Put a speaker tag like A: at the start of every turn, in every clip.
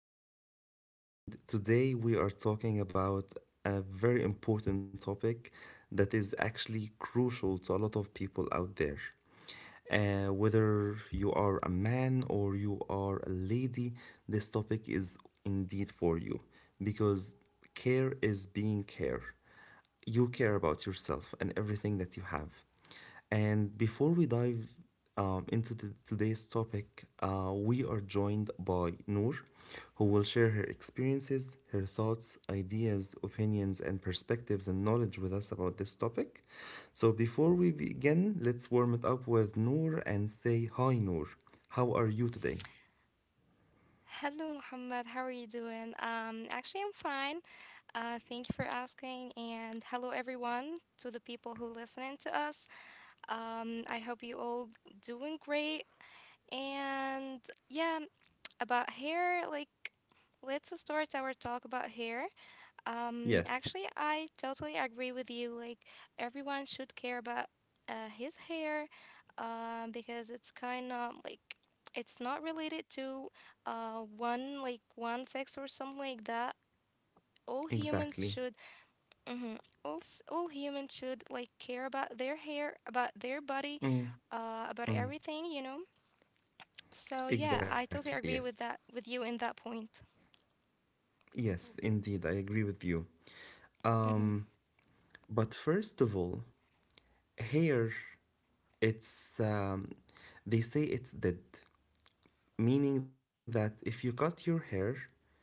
A: Muhammad, and today we are talking about a very important topic that is actually crucial to a lot of people out there. Whether you are a man or you are a lady, this topic is indeed for you because care is being care. You care about yourself and everything that you have. And before we dive into today's topic, we are joined by Noor, who will share her experiences, her thoughts, ideas, opinions, and perspectives and knowledge with us about this topic. So before we begin, let's warm it up with Noor and say, Hi, Noor. How are you today?
B: Hello, Muhammad. How are you doing? Actually, I'm fine. Thank you for asking. And hello, everyone, to the people who listening to us. I hope you all doing great. And yeah, about hair, like, let's start our talk about hair. Actually,
A: Yes,
B: I totally agree with you. Like, everyone should care about his hair, because it's kind of like it's not related to one like one sex or something like that. All humans should.
A: exactly.
B: Mm-hmm. All humans should, like, care about their hair, about their body,
A: Mm.
B: about everything. So yeah, I
A: Exactly,
B: totally agree
A: yes.
B: with that with you in that point.
A: Yes, indeed, I agree with you.
B: Mm-hmm.
A: Um. But first of all, here it's they say it's dead, meaning that if you cut your hair,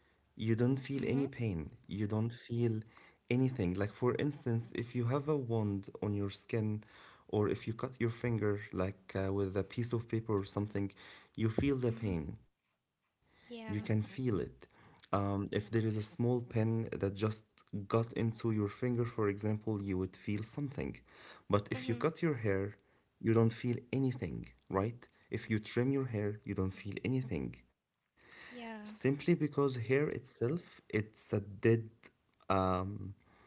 A: you don't feel any
B: Mm-hmm.
A: pain, you don't feel anything. Like, for instance, if you have a wound on your skin, or if you cut your finger, like with a piece of paper or something, you feel the
B: Mm-hmm.
A: pain. You can feel
B: Yeah.
A: it. If there is a small pin that just got into your finger, for example, you would feel something. But if you cut
B: Mm-hmm.
A: your hair, you don't feel anything, right? If you trim your hair, you don't feel anything
B: Yeah.
A: simply because hair itself it's a dead um,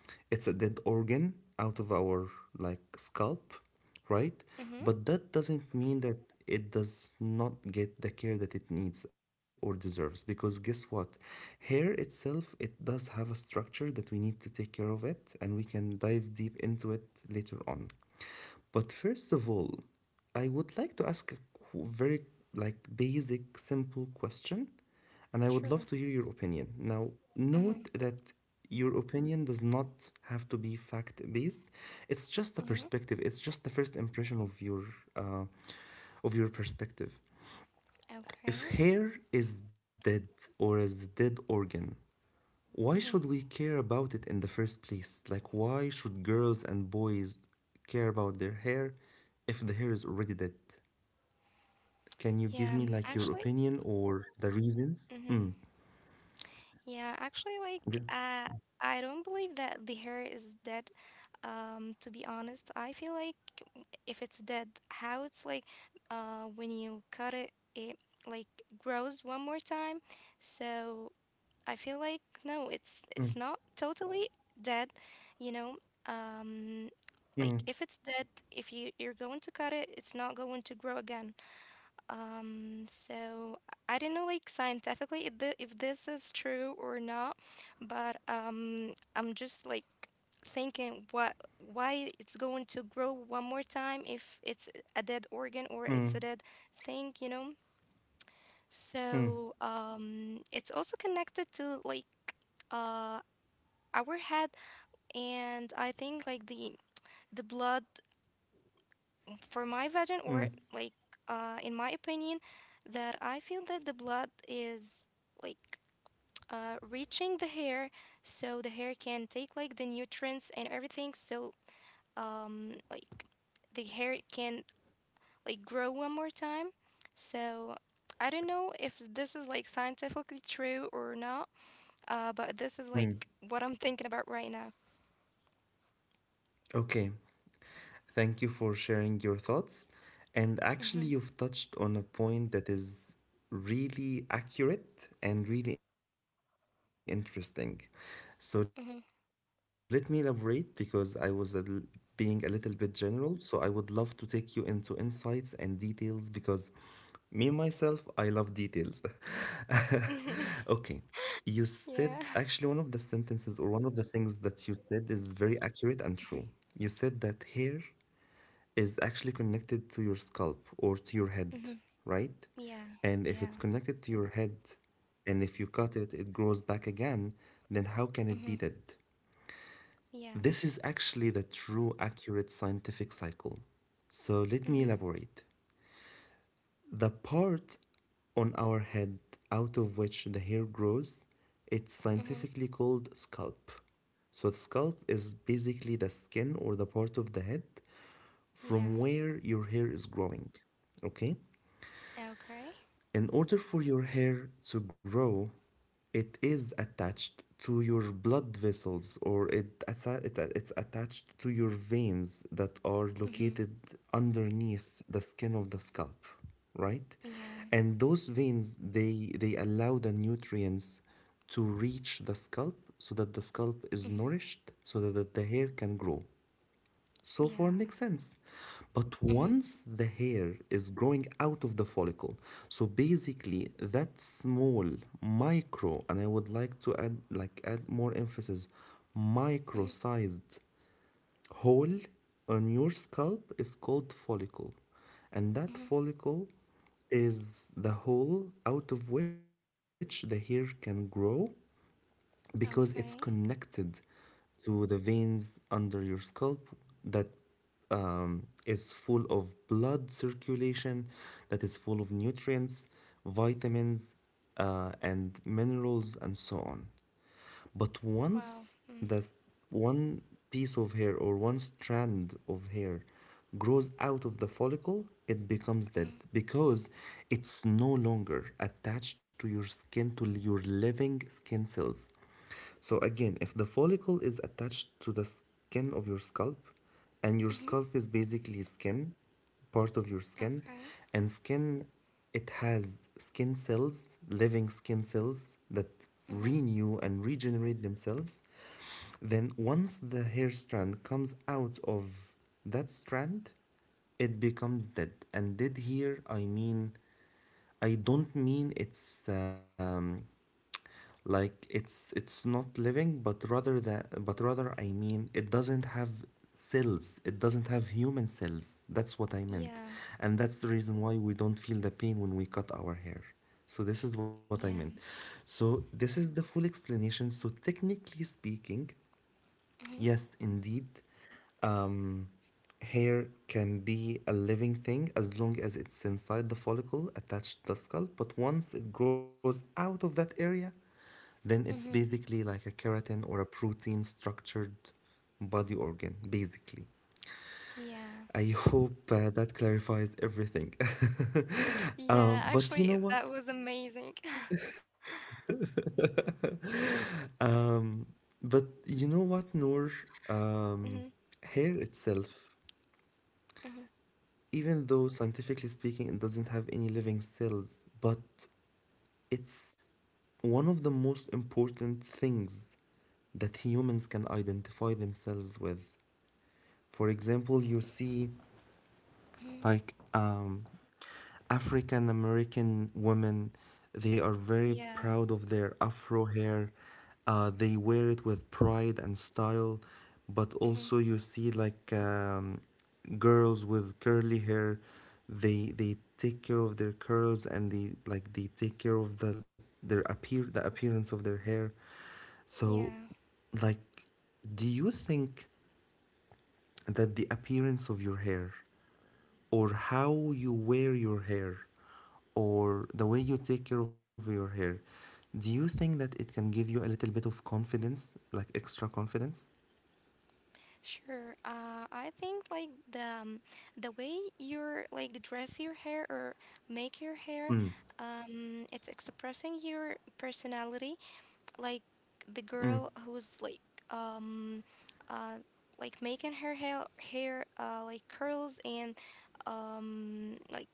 A: organ out of our like scalp, right?
B: Mm-hmm.
A: But that doesn't mean that it does not get the care that it needs or deserves, because guess what, hair itself it does have a structure that we need to take care of, it and we can dive deep into it later on. But first of all, I would like to ask very like basic simple question, and I would love to
B: True.
A: hear your opinion. Now, note
B: Mhm.
A: that your opinion does not have to be fact based. It's just a
B: Mhm.
A: perspective. It's just the first impression of uh, your perspective. If
B: Okay.
A: hair is dead or is a dead organ, why
B: Mhm.
A: should we care about it in the first place? Like, why should girls and boys care about their hair if the hair is already dead? Can you give
B: Yeah.
A: me like your
B: Actually.
A: opinion or the reasons?
B: Mhm.
A: Mm.
B: Yeah. Actually, like,
A: Good.
B: uh, I don't believe that the hair is dead. To be honest, I feel like if it's dead, how it's like, when you cut it, it like grows one more time. So I feel like no, it's not totally dead. You know. Um, like if it's dead, if you're going to cut it, it's not going to grow again. So I don't know, like scientifically, if this is true or not, but I'm just like thinking what why it's going to grow one more time if it's a dead organ or it's a dead
A: Mm,
B: thing, you know? So
A: mm,
B: it's also connected to like uh our head, and I think like the blood for my version or like
A: mm.
B: in my opinion that I feel that the blood is like reaching the hair so the hair can take like the nutrients and everything so like the hair can like grow one more time so I don't know if this is like scientifically true or not but this is like what I'm thinking about right now.
A: Okay. Thank you for sharing your thoughts. And actually,
B: Mm-hmm.
A: you've touched on a point that is really accurate and really interesting. So, let me elaborate because I was being a little bit general. So, I would love to take you into insights and details, because me, myself, I love details. Okay. You said,
B: Mm-hmm.
A: actually, one of the sentences
B: Yeah.
A: or one of the things that you said is very accurate and true. You said that hair is actually connected to your scalp or to your head, right?
B: Mhm.
A: And if it's
B: Yeah.
A: connected to
B: Yeah.
A: your head and if you cut it, it grows back again, then how can it be dead?
B: Mhm. Yeah.
A: This is actually the true, accurate scientific cycle. So let me
B: Mhm.
A: elaborate. The part on our head out of which the hair grows, it's
B: Mhm.
A: scientifically called scalp. So the scalp is basically the skin or the part of the head from
B: Yeah.
A: where your hair is growing. Okay?
B: Okay.
A: In order for your hair to grow, it is attached to your blood vessels, or it, assa- it it's attached to your veins that are
B: Mhm.
A: located underneath the skin of the scalp, right?
B: Yeah.
A: And those veins, they allow the nutrients to reach the scalp so that the scalp is
B: Mhm.
A: nourished so that the hair can grow. So far
B: Yeah.
A: makes sense. But
B: Mhm.
A: once the hair is growing out of the follicle, so basically that small micro, and I would like to add, like, add more emphasis,
B: Mhm.
A: micro-sized hole on your scalp is called follicle. And that
B: Mhm.
A: follicle is the hole out of which the hair can grow because it's
B: Okay.
A: connected to the veins under your scalp that is full of blood circulation, that is full of nutrients, vitamins, and minerals, and so on. But
B: Wow.
A: once
B: Mm.
A: the one piece of hair or one strand of hair grows out of the follicle, it becomes dead
B: Mhm.
A: because it's no longer attached to your skin, to your living skin cells. So again, if the follicle is attached to the skin of your scalp, and your
B: Mhm.
A: scalp is basically skin, part of your skin,
B: Okay.
A: and skin, it has skin cells, living skin cells that
B: Mhm.
A: renew and regenerate themselves. Then once the hair strand comes out of that strand, it becomes dead. And dead here, I mean I don't mean it's like it's not living, but rather I mean it doesn't have cells. It doesn't have human cells. That's what I meant,
B: Yeah.
A: and that's the reason why we don't feel the pain when we cut our hair. So this is what I meant.
B: Yeah.
A: So this is the full explanation. So technically speaking,
B: Mhm.
A: yes, indeed. Um, Hair can be a living thing as long as it's inside the follicle attached to the skull, but once it grows out of that area, then it's
B: Mhm.
A: basically like a keratin or a protein structured body organ, basically.
B: Yeah.
A: I hope that clarifies everything.
B: Yeah.
A: But you
B: Actually,
A: know
B: that
A: what?
B: was amazing.
A: But you know what, Noor? Um,
B: Mhm.
A: Hair itself,
B: Mhm.
A: even though scientifically speaking it doesn't have any living cells, but it's one of the most important things that humans can identify themselves with. For example, you see
B: Mhm.
A: like African American women, they are very
B: Yeah.
A: proud of their afro hair. They wear it with pride and style, but
B: Mhm.
A: also you see like girls with curly hair, they take care of their curls, and they take care of the appearance of their hair. So,
B: Yeah.
A: like, do you think that the appearance of your hair or how you wear your hair or the way you take care of your hair, do you think that it can give you a little bit of confidence, like extra confidence?
B: Sure. I think like the way you're like dress your hair or make your hair,
A: Mm,
B: it's expressing your personality. Like the
A: mm,
B: girl who's um, uh, like making her hair like curls and like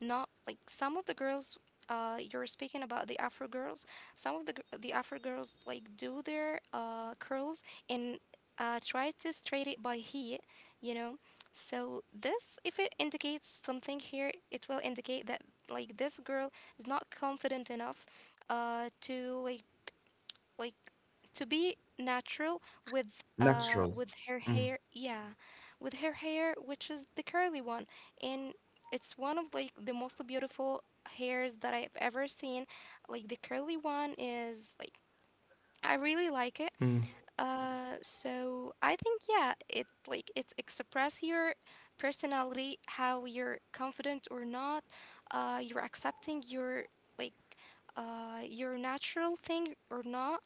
B: not like some of the girls. You're speaking about the Afro girls. Some of the Afro girls like do their curls and try to straight it by heat. You know, so this if it indicates something here, it will indicate that like this girl is not confident enough, to like to be natural
A: natural.
B: with her
A: Mm,
B: hair. Yeah, with her hair, which is the curly one, and it's one of like the most beautiful hairs that I've ever seen. Like the curly one is like I really like it.
A: mm,
B: So I think, yeah, it like it express your personality, how you're confident or not. You're accepting like your natural thing or not.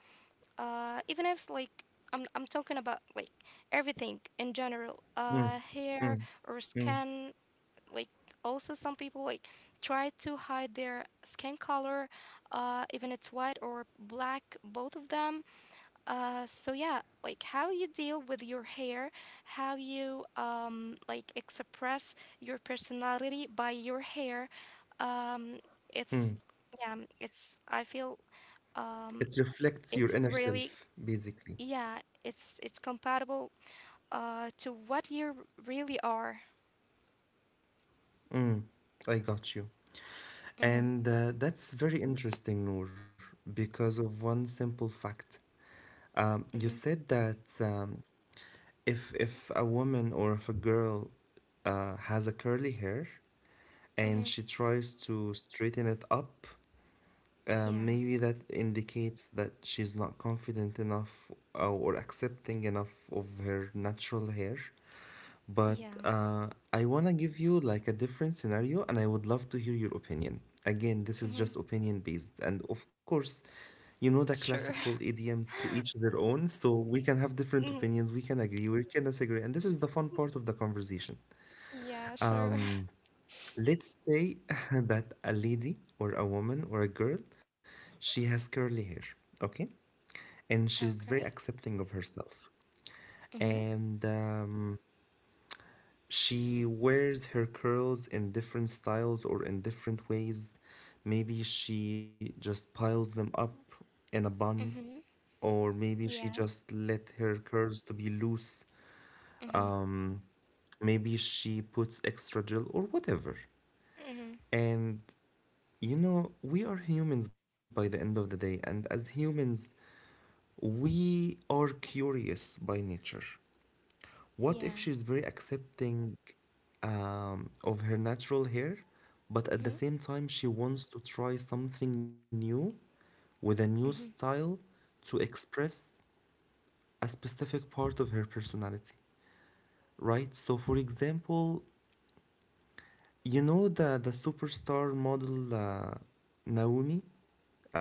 B: Even if like I'm talking about like everything in general,
A: mm, mm,
B: hair or
A: mm,
B: skin. Like also some people like try to hide their skin color, even it's white or black, both of them. So yeah, like how you deal with your hair, how you like express your personality by your hair. um it's,
A: mm.
B: yeah, it's I feel
A: It
B: um
A: reflects your
B: it's
A: inner
B: really,
A: self, basically.
B: yeah, it's compatible to what you really are.
A: Mm, I got you.
B: Mhm.
A: And that's very interesting, Noor, because of one simple fact. You
B: Mhm.
A: said that if a woman or if a girl has a curly hair and
B: Mhm.
A: she tries to straighten it up,
B: Yeah.
A: maybe that indicates that she's not confident enough or accepting enough of her natural hair. But
B: Yeah.
A: I want to give you like a different scenario, and I would love to hear your opinion. Again, this is
B: Mhm.
A: just opinion based. And of course, you know the
B: Sure.
A: classical idiom to each their own. So we can have
B: Mhm.
A: different opinions, we can agree, we can disagree. And this is the fun part of the conversation.
B: Yeah, sure.
A: Um, let's say that a lady or a woman or a girl, she has
B: Mhm.
A: curly hair, okay? And she's
B: Okay.
A: very accepting of herself,
B: Mhm.
A: and she wears her curls in different styles or in different ways. Maybe she just piles them up in a bun,
B: Mhm.
A: or maybe she
B: Yeah.
A: just let her curls to be loose.
B: Mhm.
A: Um, Maybe she puts extra gel or whatever.
B: Mhm.
A: And you know, we are humans by the end of the day, and as humans, we are curious by nature. What if
B: Yeah.
A: she's very accepting of her natural hair, but at the
B: Mhm.
A: same time, she wants to try something new with a new
B: Mhm.
A: style to express a specific part of her personality, right? So, for example, you know the superstar model Naomi?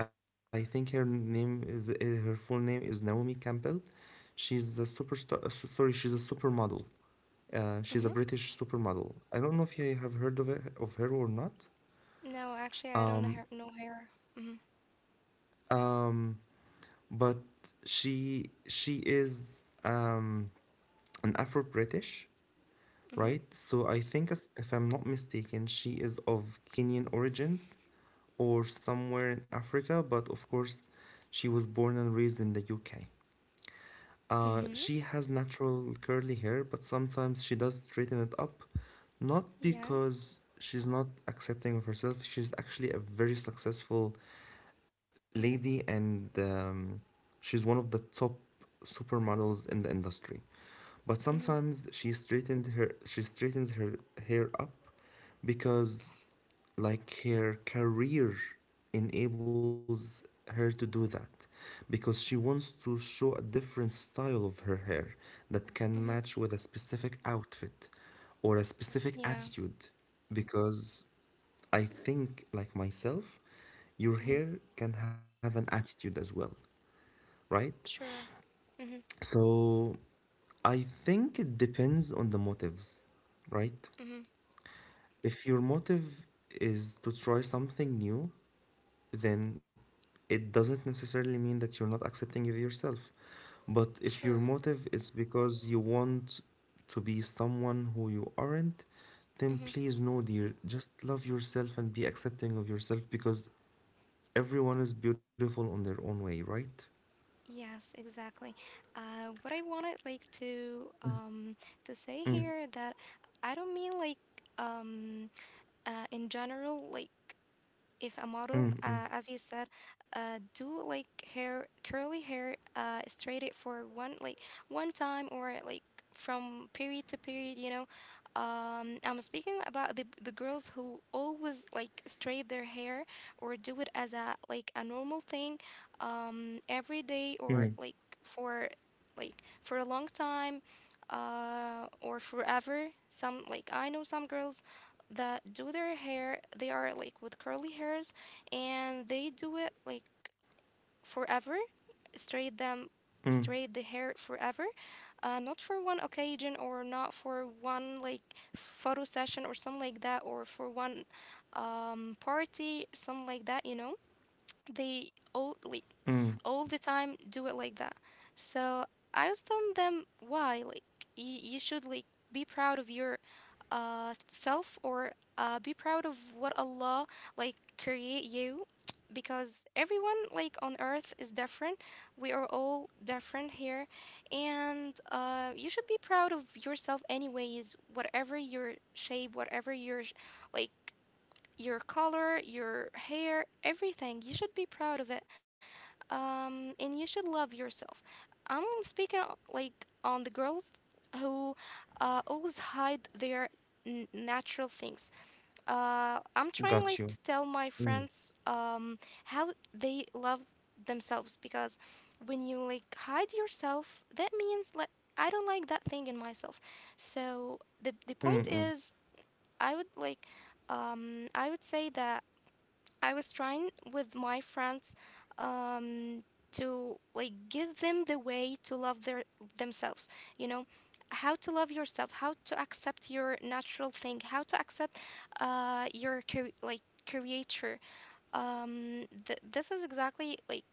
A: I think her full name is Naomi Campbell. She's a superstar. Sorry, she's a supermodel. She's a
B: Mhm.
A: British supermodel. I don't know if you have heard of it, of her or not.
B: No, actually I don't
A: Um,
B: have no hair. Mhm.
A: um, but she is an Afro British,
B: Mhm.
A: right? So I think, if I'm not mistaken, she is of Kenyan origins or somewhere in Africa. But of course, she was born and raised in the UK.
B: Mhm.
A: She has natural curly hair, but sometimes she does straighten it up, not
B: Yeah.
A: because she's not accepting of herself. She's actually a very successful lady,
B: Mhm.
A: and she's one of the top supermodels in the industry. But
B: Mhm.
A: sometimes she straightens her hair up because like her career enables her to do that, because she wants to show a different style of her hair that can
B: Mhm.
A: match with a specific outfit or a specific
B: Yeah.
A: attitude, because I think, like myself, your
B: Mhm.
A: hair can have an attitude as well, right?
B: Sure. Mhm.
A: So I think it depends on the motives, right?
B: Mhm.
A: If your motive is to try something new, then it doesn't necessarily mean that you're not accepting of yourself. But if
B: Sure.
A: your motive is because you want to be someone who you aren't, then
B: Mhm.
A: please, no, dear, just love yourself and be accepting of yourself because everyone is beautiful on their own way, right?
B: Yes, exactly. What I wanted like to say
A: Mm,
B: here that I don't mean like um in general like if a model,
A: mm, mm,
B: as you said, do like hair curly hair, straight it for one like one time or like from period to period. I'm speaking about the girls who always like straight their hair or do it as a like a normal thing, every day or
A: mm,
B: like for like a long time, or forever. Some like I know some girls that do their hair. They are like with curly hairs and they do it like forever, straight them,
A: mm,
B: straight the hair forever. Not for one occasion or not for one like photo session or something like that or for one party, something like that. They all like
A: mm.
B: all the time do it like that. So I was telling them why, like you should like be proud of your self or be proud of what Allah like create you because everyone like on earth is different. We are all different here and you should be proud of yourself anyways, whatever your shape, whatever like your color, your hair, everything. You should be proud of it, and you should love yourself. I'm speaking like on the girls who always hide their natural things. I'm trying
A: Got
B: like to
A: you.
B: tell my
A: Mm,
B: friends, how they love themselves because when you like hide yourself, that means like I don't like that thing in myself. So the
A: mm,
B: point
A: mm,
B: is, I would like I would say that I was trying with my friends, um, to like give them the way to love their themselves. You know, how to love yourself, how to accept your natural thing, how to accept, your like creator. This is exactly like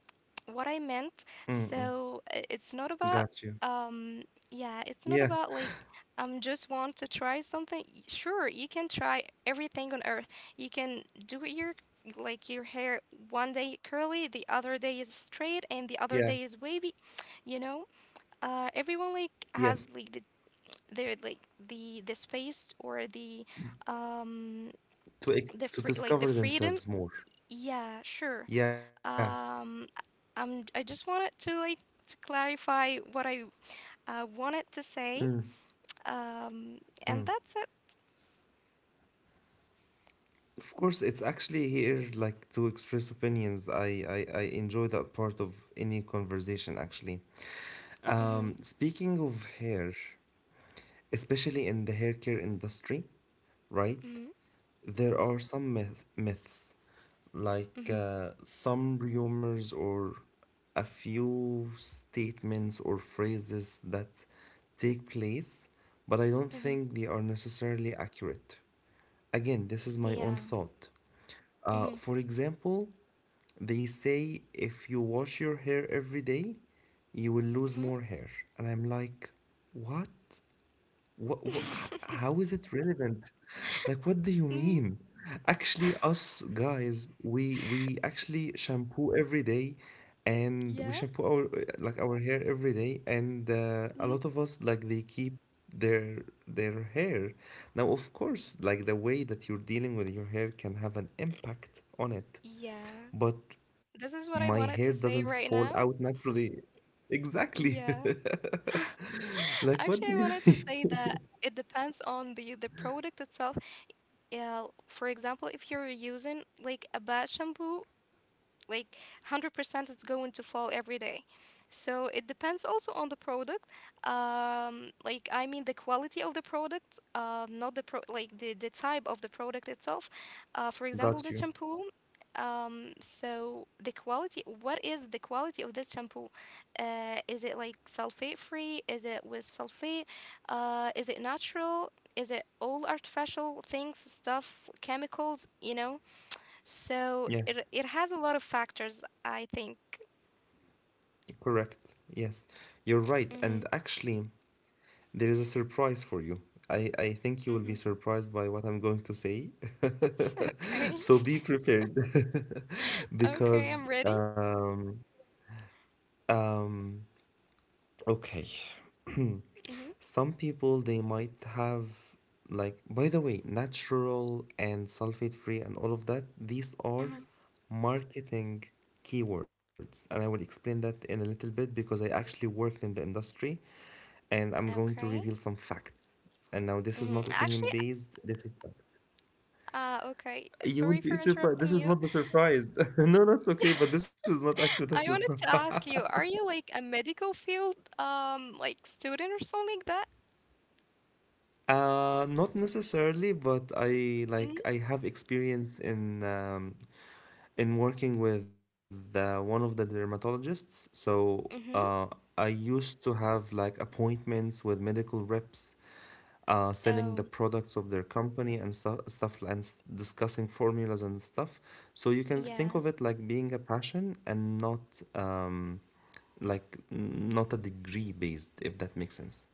B: what I meant.
A: mm, mm.
B: So it's not about
A: Got you.
B: um
A: Yeah,
B: like just want to try something. Sure, you can try everything on earth. You can do your hair one day curly, the other day is straight, and the
A: yeah,
B: other day is wavy. You know, everyone like has
A: yes.
B: like the their like the space or um
A: To ex-
B: the
A: to
B: free like the
A: discover
B: freedom.
A: themselves more.
B: Yeah, sure.
A: Yeah.
B: Um, I just wanted to clarify what I wanted to say.
A: Mm,
B: Um, and
A: mm.
B: that's it.
A: Of course, it's actually here like to express opinions. I enjoy that part of any conversation actually.
B: Mhm.
A: Speaking of hair, especially in the hair care industry, right?
B: Mhm.
A: There are some myths like
B: Mhm.
A: some rumors or a few statements or phrases that take place, but I don't
B: Mhm.
A: think they are necessarily accurate. Again, this is my own
B: Yeah.
A: thought.
B: Mhm.
A: For example, they say if you wash your hair every day, you will
B: Mhm.
A: lose more hair. And I'm like, what? What, what, how is it relevant? Like, what do you
B: Mm,
A: mean? Actually, us guys, we actually shampoo every day, and we
B: yeah.
A: shampoo our like our hair every day, and
B: Mm,
A: a lot of us like they keep their their hair. Now, of course, like the way that you're dealing with your hair can have an impact on it,
B: yeah.
A: but
B: This is what I
A: my
B: wanted
A: hair
B: to say
A: doesn't
B: right
A: fall
B: now.
A: out naturally. Exactly.
B: Yeah.
A: Like,
B: Actually, I
A: what do you?
B: wanted to say that it depends on the product itself. Yeah, for example, if you're using like a bad shampoo, like 100% it's going to fall every day. So it depends also on the product, like I mean the quality of the product, not the pro like the type of the product itself, for
A: Got
B: example the
A: you.
B: shampoo. So the quality, what is the quality of this shampoo, is it like sulfate free, is it with sulfate, is it natural, is it all artificial things, stuff, chemicals, so it
A: Yes.
B: it has a lot of factors, I think.
A: Correct. Yes, you're right. And
B: Mhm.
A: actually, there is a surprise for you. I think you will be
B: Mhm.
A: surprised by what I'm going to say. So
B: Okay.
A: be prepared
B: Okay,
A: because
B: I'm ready.
A: um, okay.
B: Mhm.
A: Some people they might have like by the way, natural and sulfate free and all of that, these
B: Mhm.
A: are marketing keywords. And I will explain that in a little bit because I actually worked in the industry and I'm going to
B: Okay.
A: reveal some facts. And now this is
B: Mhm.
A: not
B: Actually,
A: opinion based, this is facts.
B: okay.
A: You will
B: Sorry
A: be
B: for
A: surprised. This
B: interrupting
A: is
B: you.
A: not the surprise. No, that's okay, but
B: Yeah,
A: this is not actually the
B: I wanted
A: surprise.
B: to ask you, are you like a medical field, like student or something like that?
A: Not necessarily, but I like
B: Mhm.
A: I have experience in working with one of the dermatologists. So uh,
B: Mhm.
A: I used to have like appointments with medical reps, selling the
B: Oh,
A: products of their company and stuff, discussing formulas and stuff. So you can think of
B: yeah.
A: it like being a passion and not like not a degree based, if that makes sense.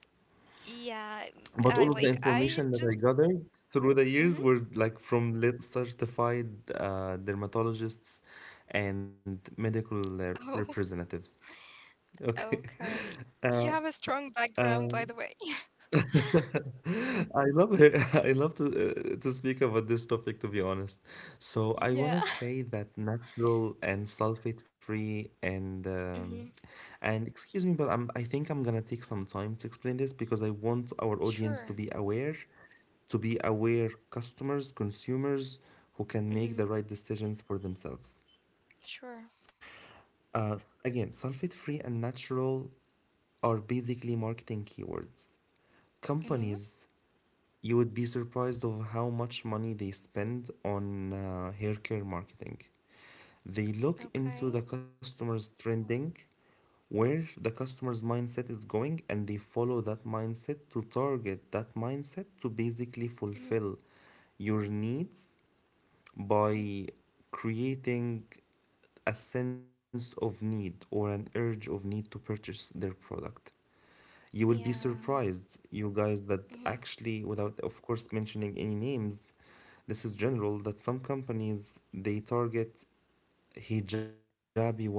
B: Yeah.
A: But
B: I
A: all of the
B: like I
A: information that
B: just.
A: I gathered through the years
B: Mhm.
A: were like from certified dermatologists and medical
B: Oh,
A: representatives. Okay.
B: okay.
A: Uh,
B: You have a strong
A: uh,
B: background, by the way.
A: I love it. I love to speak about this topic, to be honest. So I want to
B: Yeah.
A: say that natural and sulfate-free
B: Mhm.
A: and excuse me, but I think I'm gonna take some time to explain this because I want our audience
B: Sure.
A: to be aware customers, consumers who can
B: Mm-hmm.
A: make the right decisions for themselves.
B: Sure.
A: Again, sulfate-free and natural are basically marketing keywords.
B: Mm-hmm.
A: Companies, you would be surprised of how much money they spend on hair care marketing. They look into
B: Okay.
A: the customer's trending, where the customer's mindset is going, and they follow that mindset to target that mindset to basically
B: Mm-hmm.
A: fulfill your needs
B: Hmm.
A: by creating a sense of need or an urge of need to purchase their product. You will be
B: Yeah.
A: surprised, you guys, that
B: Mm-hmm.
A: actually, without of course mentioning any names, this is general that some companies they target hijabi women.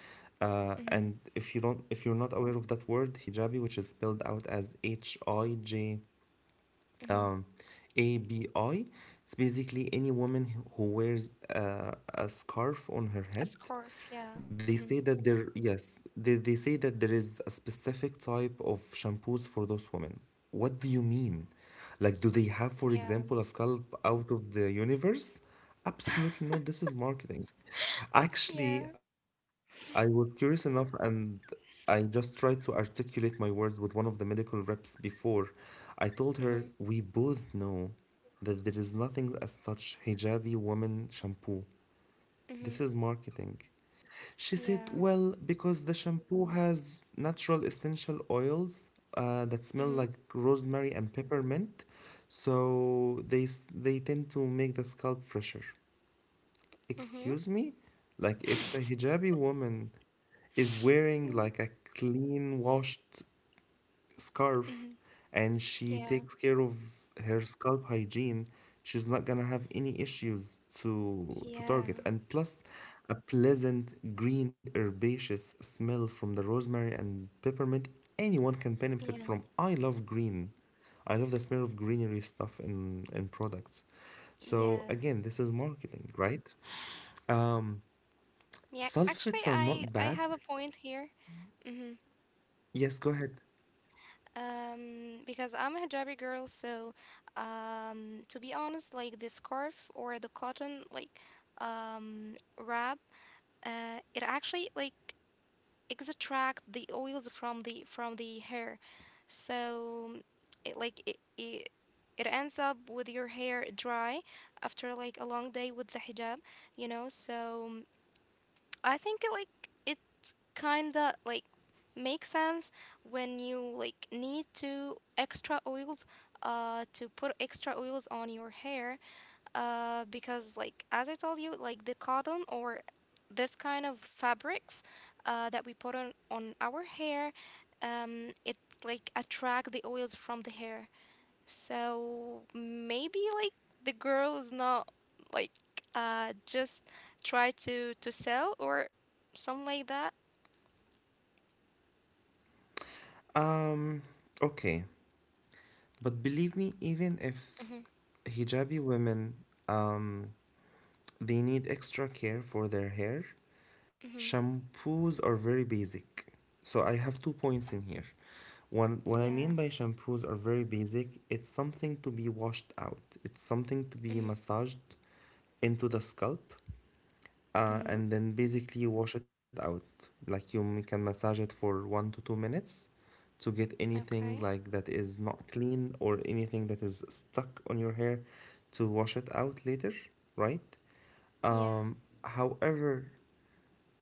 A: And
B: Mm-hmm.
A: if you don't, if you're not aware of that word, hijabi, which is spelled out as HIJ
B: Mm-hmm.
A: um, ABI. It's basically any woman who wears a scarf on
B: A
A: her head.
B: scarf. Yeah.
A: They
B: Mm-hmm.
A: say that there, yes, they say that there is a specific type of shampoos for those women. What do you mean? Like, do they have, for
B: Yeah.
A: example, a scalp out of the universe? Absolutely not. This is marketing.
B: Yeah.
A: Actually, I was curious enough and I just tried to articulate my words with one of the medical reps before. I told her we
B: Mm-hmm.
A: both know that there is nothing as such hijabi woman shampoo.
B: Mm-hmm.
A: This is marketing. She said,
B: Yeah.
A: well, because the shampoo has natural essential oils that smell
B: Mm-hmm.
A: like rosemary and peppermint, so they tend to make the scalp fresher.
B: Mm-hmm.
A: Excuse me? Like if a hijabi woman is wearing like a clean washed
B: Mm-hmm.
A: scarf and she
B: Yeah.
A: takes care of her scalp hygiene, she's not gonna have any issues to
B: Yeah.
A: target. And plus a pleasant green herbaceous smell from the rosemary and peppermint. Anyone can benefit
B: Yeah.
A: from. I love green. I love the smell of greenery stuff in products. So
B: Yeah.
A: again, this is marketing, right? Um,
B: Yeah.
A: Sulfates
B: Actually,
A: are not
B: I
A: bad.
B: have a point here. Mm-hmm.
A: Yes, go ahead.
B: Because I'm a hijabi girl, so to be honest, like the scarf or the cotton like wrap, it actually like extract the oils from the hair, so it like it ends up with your hair dry after like a long day with the hijab. So I think it like kinda like makes sense when you like need to extra oils to put extra oils on your hair because like as I told you like the cotton or this kind of fabrics that we put on our hair, it like attract the oils from the hair, so maybe like the girl is not like just try to sell or something like that.
A: Um, okay. But believe me, even if
B: Mm-hmm.
A: hijabi women, um, they need extra care for their hair,
B: Mhm.
A: shampoos are very basic. So I have two points in here. One, what I
B: Yeah.
A: mean by shampoos are very basic, it's something to be washed out. It's something to be
B: Mhm.
A: massaged into the scalp,
B: Mhm.
A: and then basically you wash it out. Like you can massage it for 1 to 2 minutes, to get anything
B: Okay.
A: like that is not clean or anything that is stuck on your hair to wash it out later, right?
B: Yeah.
A: Um, However,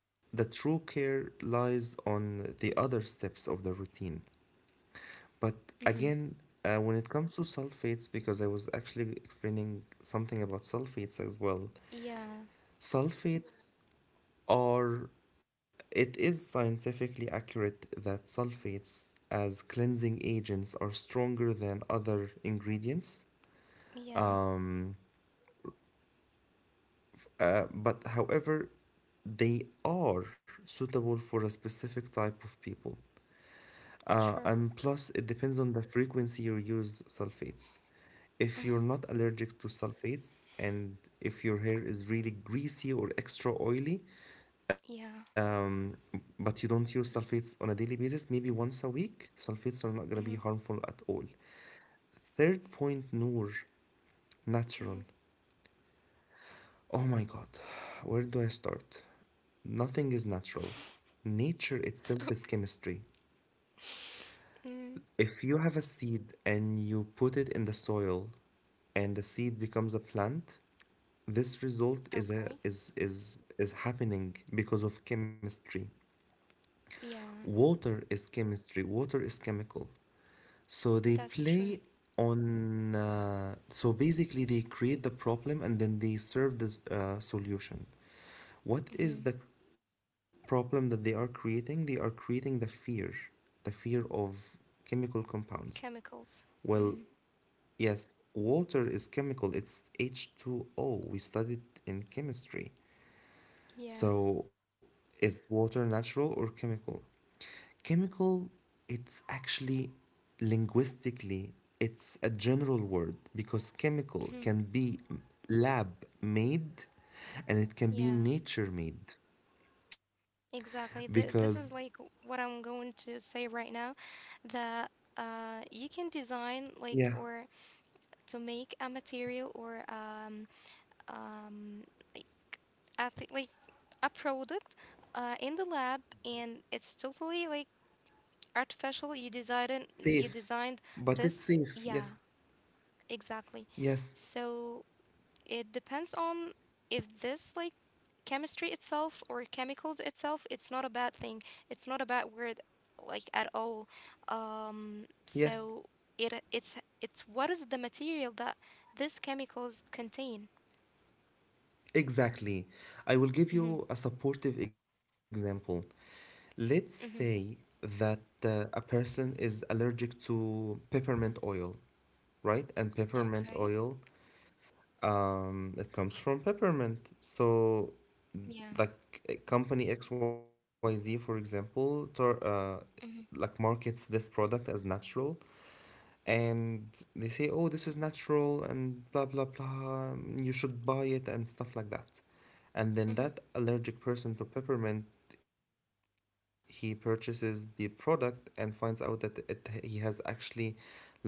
A: the true care lies on the other steps of the routine. But
B: Mhm.
A: again, when it comes to sulfates, because I was actually explaining something about sulfates as well,
B: Yeah.
A: sulfates Or It is scientifically accurate that sulfates as cleansing agents are stronger than other ingredients.
B: Yeah.
A: Um, but however, they are suitable for a specific type of people.
B: Sure.
A: And plus, it depends on the frequency you use sulfates. If
B: Mhm.
A: you're not allergic to sulfates and if your hair is really greasy or extra oily,
B: Yeah.
A: um, but you don't use sulfates on a daily basis, maybe once a week, sulfates are not gonna be
B: Mhm.
A: harmful at all. Third point, Noor, natural.
B: Mhm.
A: Oh my God, where do I start? Nothing is natural. Nature itself is
B: Okay.
A: chemistry.
B: Mm.
A: If you have a seed and you put it in the soil and the seed becomes a plant, this result is
B: Okay.
A: a, is is happening because of chemistry.
B: Yeah.
A: Water is chemistry. Water is chemical. So they
B: That's true.
A: play on. So basically, they create the problem and then they serve the solution. What
B: Mhm.
A: is the problem that they are creating? They are creating the fear of chemical compounds.
B: Chemicals. Mhm.
A: Well, yes, water is chemical, it's H2O. We studied in chemistry.
B: Yeah.
A: So, is water natural or chemical? Chemical, it's actually linguistically, it's a general word because chemical
B: Mhm.
A: can be lab made and it can be
B: Yeah.
A: nature made
B: Exactly.
A: because,
B: This is like what I'm going to say right now, that you can design
A: yeah,
B: like or to make a material or um, like I think like a product, in the lab, and it's totally like artificial. You designed you
A: safe,
B: designed
A: but
B: this,
A: it's safe.
B: yeah,
A: Yes,
B: exactly.
A: yes,
B: So it depends on if this like chemistry itself or chemicals itself. It's not a bad thing. It's not a bad word like at all. Um,
A: yes.
B: so it it's it's what is the material that these chemicals contain.
A: Exactly. I will give
B: Mm-hmm.
A: you a supportive example. Let's say
B: Mm-hmm.
A: that a person is allergic to peppermint oil, right? And peppermint
B: Okay.
A: oil, it comes from peppermint. So,
B: Yeah.
A: like company XYZ, for example, like
B: Mhm.
A: markets this product as natural,
B: Mhm.
A: and they say, oh, this is natural and blah, blah, blah, you should buy it and stuff like that. And then
B: Mhm.
A: that allergic person to peppermint, he purchases the product and finds out that it, he has actually like a bad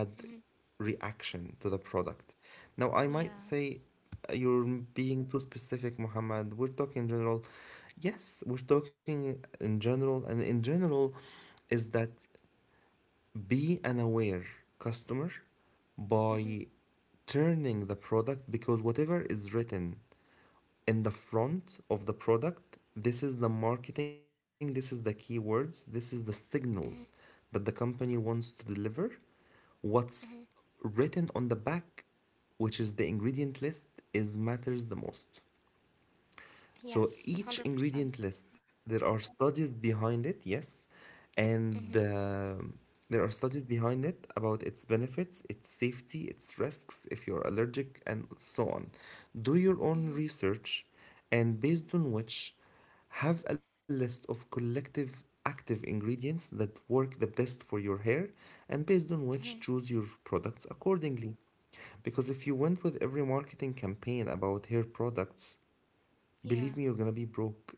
B: Mhm.
A: reaction to the product. Now, I might say
B: Yeah.
A: you're being too specific, Muhammad. We're talking general. Yes, we're talking in general, and in general is that be an aware customer
B: Mhm.
A: by turning the product, because whatever is written in the front of the product, this is the marketing, this is the keywords, this is the signals
B: Mhm.
A: that the company wants to deliver. What's
B: Mhm.
A: written on the back, which is the ingredient list, is matters the most. So
B: Yes. Hundred
A: each
B: percent.
A: ingredient list, there are studies behind it, yes,
B: Mhm.
A: and there are studies behind it about its benefits, its safety, its risks if you're allergic, and so on. Do your own
B: Mhm.
A: research, and based on which, have a list of collective active ingredients that work the best for your hair, and based on which,
B: Mhm.
A: choose your products accordingly. Because if you went with every marketing campaign about hair products,
B: Yeah.
A: believe me, you're gonna be broke.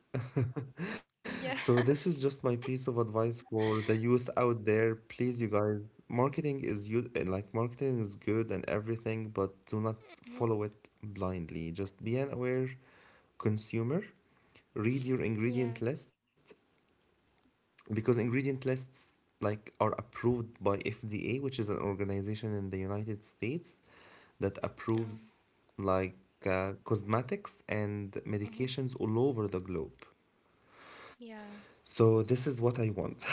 A: So, this is just my
B: Yes.
A: piece of advice for the youth out there. Please, you guys, marketing is you like marketing is good and everything, but do not
B: Mhm.
A: follow it blindly. Just be an aware consumer. Read your
B: Yeah.
A: ingredient list because ingredient lists like are approved by FDA, which is an organization in the United States that
B: Oh.
A: approves like cosmetics and
B: Mhm.
A: medications all over the globe.
B: Yeah.
A: So this is what I want.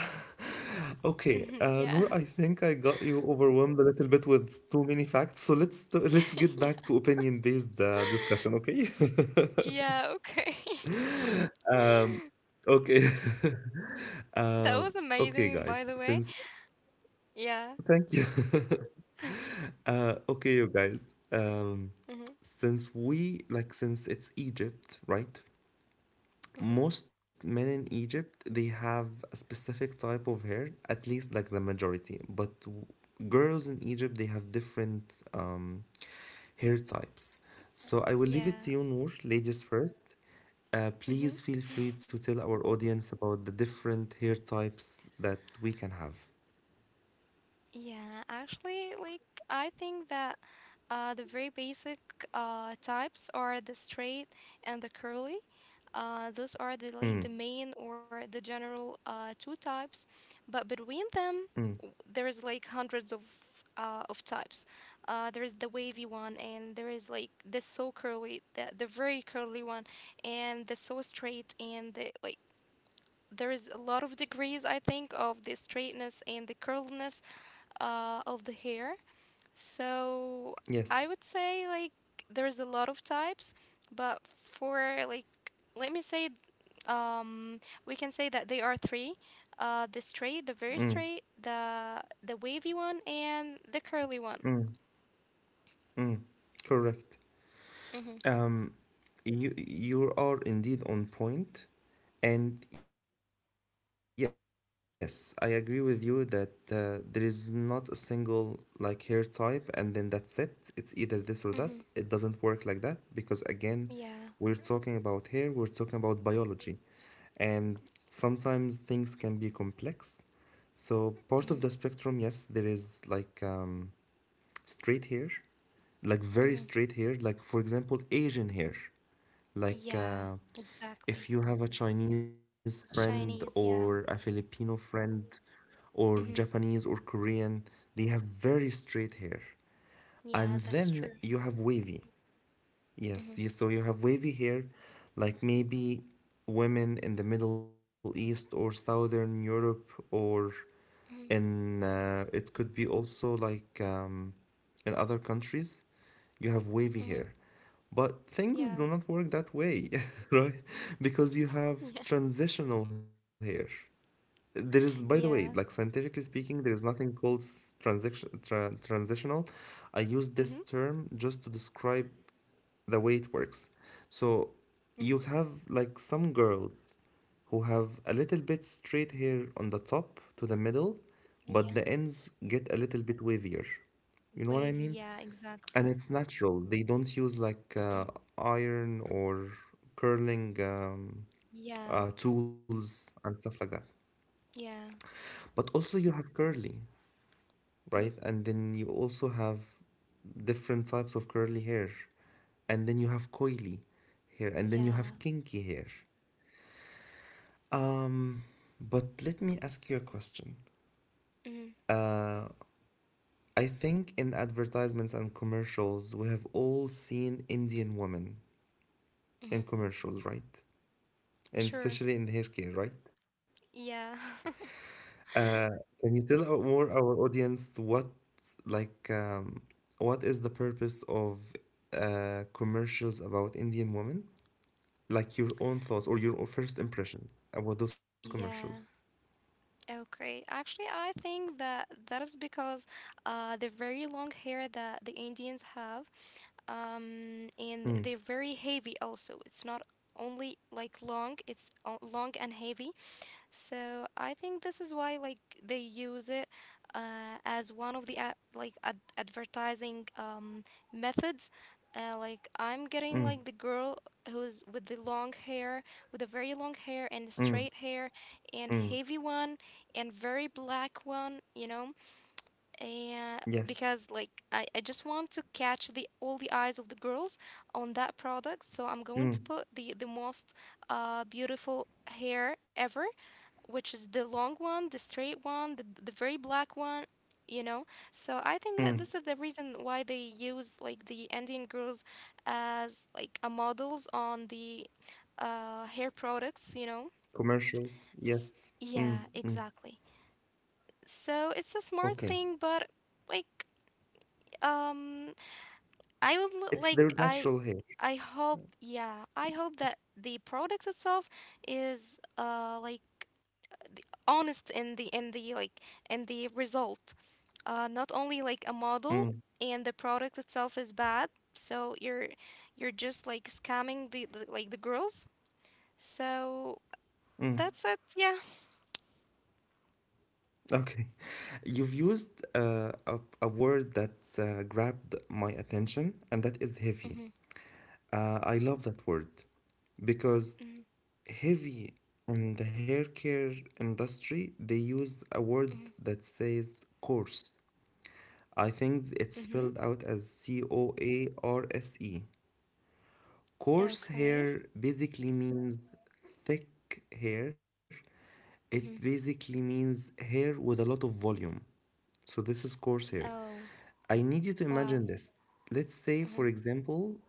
A: Okay,
B: Mhm. Yeah.
A: Noor, I think I got you overwhelmed a little bit with too many facts. So let's get back
B: Yeah.
A: to opinion-based discussion. Okay.
B: Yeah. Okay.
A: Okay.
B: That
A: Uh,
B: was
A: okay,
B: amazing, by the
A: guys.
B: way.
A: Since
B: Yeah.
A: thank you. Okay, you guys.
B: Mhm.
A: Since we like, since it's Egypt, right?
B: Mhm.
A: Most men in Egypt they have a specific type of hair, at least like the majority. Girls in Egypt they have different hair types. So I will leave it to
B: Yeah.
A: you, Noor, ladies first.
B: Mhm.
A: Please feel free to tell our audience about the different hair types that we can have.
B: Yeah, actually, like I think that the very basic types are the straight and the curly. Those are the
A: Mm,
B: like the main or the general two types, but between them
A: mm,
B: there is like hundreds of types. There is the wavy one, and there is like the so curly, the very curly one, and the so straight, and the like. There is a lot of degrees, I think, of the straightness and the curliness of the hair. So
A: yes.
B: I would say like there's a lot of types, but for like let me say um we can say that they are three. The straight, the very
A: Mm,
B: straight, the wavy one and the curly one.
A: mm, mm. Correct.
B: Mhm.
A: Um, you are indeed on point, and yes, I agree with you that there is not a single like hair type, and then that's it. It's either this or that. It doesn't work like that
B: Mhm.
A: because again, we're talking about
B: Yeah.
A: hair, we're talking about biology, and sometimes things can be complex. So part of the
B: Mhm.
A: spectrum, yes, there is like straight hair, like very
B: Mhm.
A: straight hair, like for example, Asian hair. Like,
B: Yeah, exactly.
A: if you have a Chinese friend
B: Chinese, yeah.
A: or a Filipino friend or
B: Mhm.
A: Japanese or Korean, they have very straight hair.
B: Yeah,
A: And
B: that's
A: then
B: true.
A: you have wavy.
B: Mhm.
A: Yes, you, so you have wavy hair, like maybe women in the Middle East or Southern Europe, or
B: Mhm.
A: in it could be also like in other countries, you have wavy
B: Mhm.
A: hair. But things
B: Yeah.
A: do not work that way, right? Because you have
B: Yeah.
A: transitional hair. There is, by the way, like
B: Yeah.
A: scientifically speaking, there is nothing called transitional. I use this
B: Mhm.
A: term just to describe the way it works. So you have like some girls who have a little bit straight hair on the top to the middle,
B: Mhm.
A: but the ends get a little bit wavier. You know what
B: Wavy,
A: I mean?
B: yeah, exactly.
A: And it's natural. They don't use
B: Mhm.
A: like iron or curling
B: Yeah,
A: tools and stuff like that.
B: yeah,
A: But also you have curly,
B: mhm,
A: right? And then you also have different types of curly hair. And then you have coily hair. And then you
B: yeah,
A: have kinky hair. Um, but let me ask you a question.
B: mhm,
A: Uh, I think in advertisements and commercials, we have all seen Indian women in
B: mhm,
A: commercials, right? And
B: sure,
A: especially in hair care, right?
B: yeah,
A: Uh, can you tell our, more our audience what like what is the purpose of commercials about Indian women? Like your own thoughts or your first impression about those commercials.
B: yeah. Okay, actually, I think that that is because the very long hair that the Indians have, and
A: Mm,
B: they're very heavy also. It's not only like long, it's long and heavy. So I think this is why like they use it as one of the advertising methods. Like I'm getting
A: mm,
B: like the girl who's with the long hair, with a very long hair and
A: mm,
B: straight hair and
A: mm.
B: heavy one and very black one, you know. And
A: Yes.
B: because like I just want to catch the all the eyes of the girls on that product, so I'm going to
A: Mm,
B: put the most beautiful hair ever which is the long one, the straight one, the very black one, you know. So I think that
A: mm.
B: this is the reason why they use like the Indian girls as like a models on the hair products, you know.
A: Commercials.
B: S-
A: Yes. Mm,
B: yeah,
A: mm.
B: exactly. So it's a smart
A: Okay.
B: thing, but like um, I would l-
A: It's their
B: like I
A: natural hair.
B: I hope yeah I hope that the product itself is like honest in the result, not only like a model
A: Mm,
B: and the product itself is bad, so you're just like scamming the girls, so
A: mm.
B: that's it, yeah.
A: Okay. You've used a word that grabbed my attention, and that is heavy.
B: Mm-hmm,
A: I love that word because
B: mm-hmm,
A: heavy in the hair care industry, they use a word that says coarse. I think it's
B: mm-hmm.
A: spelled out as coarse. Coarse
B: Okay.
A: hair basically means thick hair. It
B: Mm-hmm.
A: basically means hair with a lot of volume. So this is course here.
B: Oh.
A: I need you to
B: Wow.
A: imagine this. Let's say,
B: Mm-hmm,
A: for example,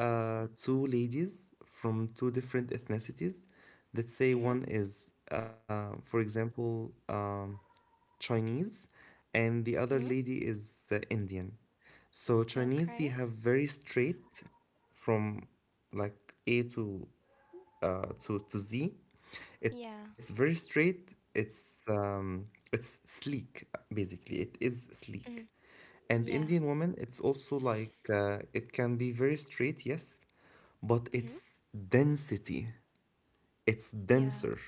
A: two ladies from two different ethnicities. Let's say
B: mm-hmm,
A: one is, for example, Chinese, and the other
B: hmm.
A: lady is Indian. So Chinese, they
B: Okay.
A: have very straight from like A to Z.
B: Yeah.
A: It's very straight. It's sleek basically. It is
B: Mm-hmm.
A: sleek. And
B: Yeah.
A: Indian woman, it's also like it can be very straight, yes, but
B: Mm-hmm.
A: it's density. It's
B: Yeah.
A: denser.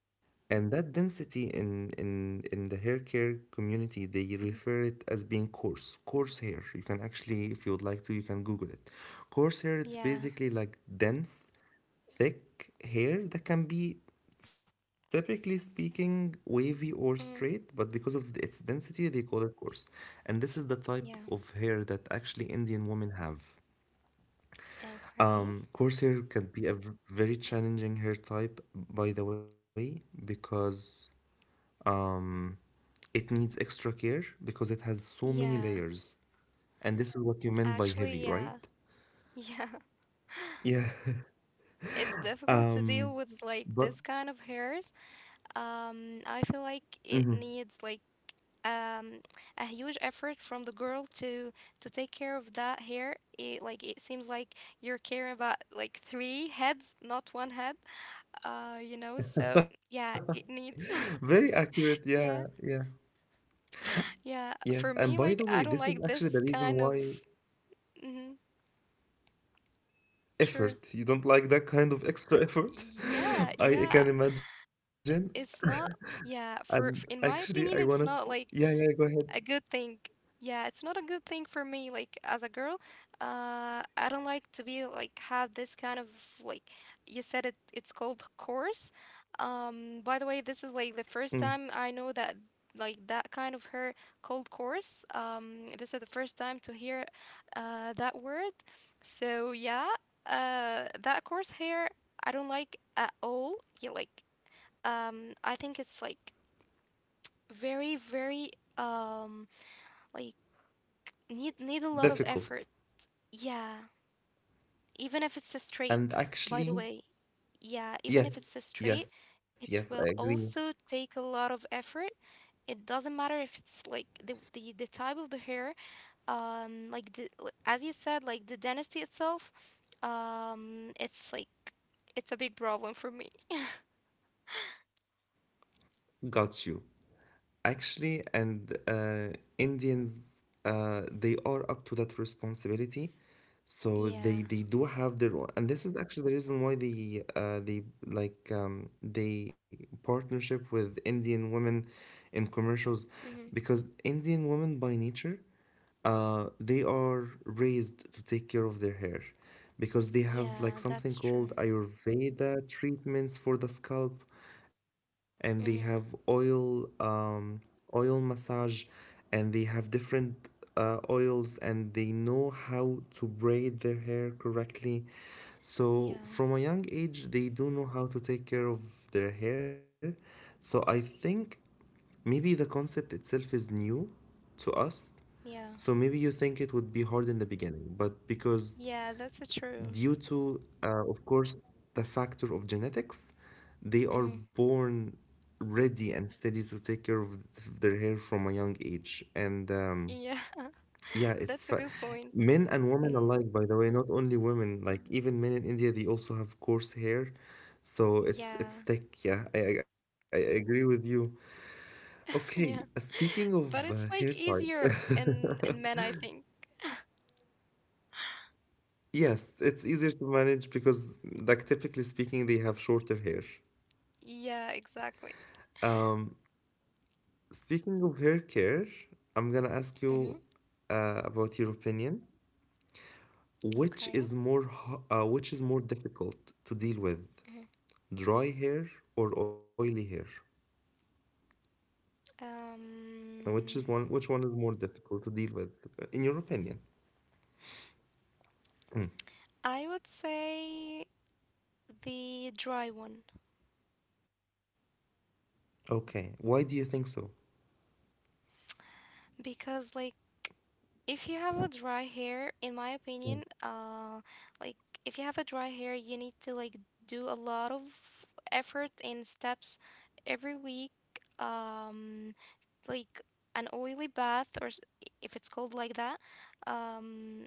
A: And that density in the hair care community, they
B: Mm-hmm.
A: refer it as being coarse, coarse hair. You can actually, if you would like to, you can Google it. Coarse hair, it's
B: Yeah.
A: basically like dense, thick hair that can be, typically speaking, wavy or straight,
B: Hmm.
A: but because of its density, they call it coarse. And this is the type of
B: Yeah.
A: hair that actually Indian women have.
B: Okay.
A: Coarse hair can be a very challenging hair type, by the way, because um, it needs extra care because it has so many
B: Yeah.
A: layers. And this is what you meant by heavy,
B: Actually, yeah.
A: right?
B: Yeah.
A: Yeah.
B: It's difficult to
A: Um,
B: deal with like
A: but
B: this kind of hair. I feel like it needs like um, a huge effort from the girl to take care of that hair. It, like it seems like you're caring about like three heads, not one head. So yeah, it needs.
A: very accurate.
B: Yeah,
A: Yeah, yeah.
B: yeah. For
A: Yes.
B: me,
A: And
B: like
A: by
B: I
A: the
B: don't
A: way, this
B: like
A: is
B: this
A: actually the
B: kind
A: reason
B: of.
A: why
B: Hmm. Sure.
A: effort. You don't like that kind of extra effort.
B: Yeah,
A: I can
B: yeah.
A: imagine.
B: It's not.
A: And
B: Yeah, for
A: actually, I
B: in my
A: wanna.
B: opinion, it's
A: Yeah,
B: not
A: yeah.
B: like
A: Go ahead.
B: a good thing. Yeah, it's not a good thing for me. Like as a girl, I don't like to be like have this kind of like you said it. It's called course. By the way, this is like the
A: Mm.
B: first time I know that like that kind of her cold course. This is the first time to hear that word. So yeah, that course here I don't like at all. Yeah, like I think it's like very very um like need a lot of
A: Difficult.
B: effort. Yeah, even if it's a
A: And
B: straight, by the
A: actually,
B: way. Yeah, even if
A: yes,
B: it's a straight,
A: yes, yes. I
B: it
A: agree.
B: will also take a lot of effort. It doesn't matter if it's like the type of the hair, like the, as you said, like the dynasty itself, um, it's like it's a big problem for me.
A: Got you. Actually, and Indians, they are up to that responsibility. So they
B: Yeah.
A: they do have their own, and this is actually the reason why they partnership with Indian women in commercials,
B: Mm-hmm.
A: because Indian women by nature they are raised to take care of their hair because they have
B: Yeah,
A: like
B: that's
A: something
B: true.
A: called Ayurveda treatments for the scalp, and they have
B: Mm-hmm.
A: oil massage, and they have different oils, and they know how to braid their hair correctly. So
B: Yeah.
A: from a young age, they do know how to take care of their hair. So I think maybe the concept itself is new to us,
B: Yeah.
A: so maybe you think it would be hard in the beginning, but because
B: Yeah, that's a true.
A: due to, of course, the factor of genetics, they are
B: Mm-hmm.
A: born ready and steady to take care of their hair from a young age. And
B: Yeah,
A: yeah,
B: that's a
A: it's
B: good point.
A: men and women
B: Mm,
A: alike, by the way, not only women, like even men in India, they also have coarse hair. So
B: yeah,
A: it's thick, yeah. I agree with you. Okay,
B: yeah.
A: speaking of
B: But it's
A: hair
B: like
A: types,
B: easier in men, I think.
A: yes, it's easier to manage because, like, typically speaking, they have shorter hair.
B: Yeah, exactly.
A: Speaking of hair care, I'm gonna ask
B: Mm-hmm.
A: you about your opinion. Which
B: Okay.
A: is more, ho- uh, which is more difficult to deal with,
B: Hmm.
A: dry hair or oily hair? And
B: Um,
A: which one is more difficult to deal with, in your opinion? Mm.
B: I would say the dry one
A: Okay, why do you think so?
B: because like if you have a dry hair, in my
A: Mm.
B: opinion, like if you have a dry hair, you need to like do a lot of effort and steps every week. Um, like an oily bath or if it's called like that, um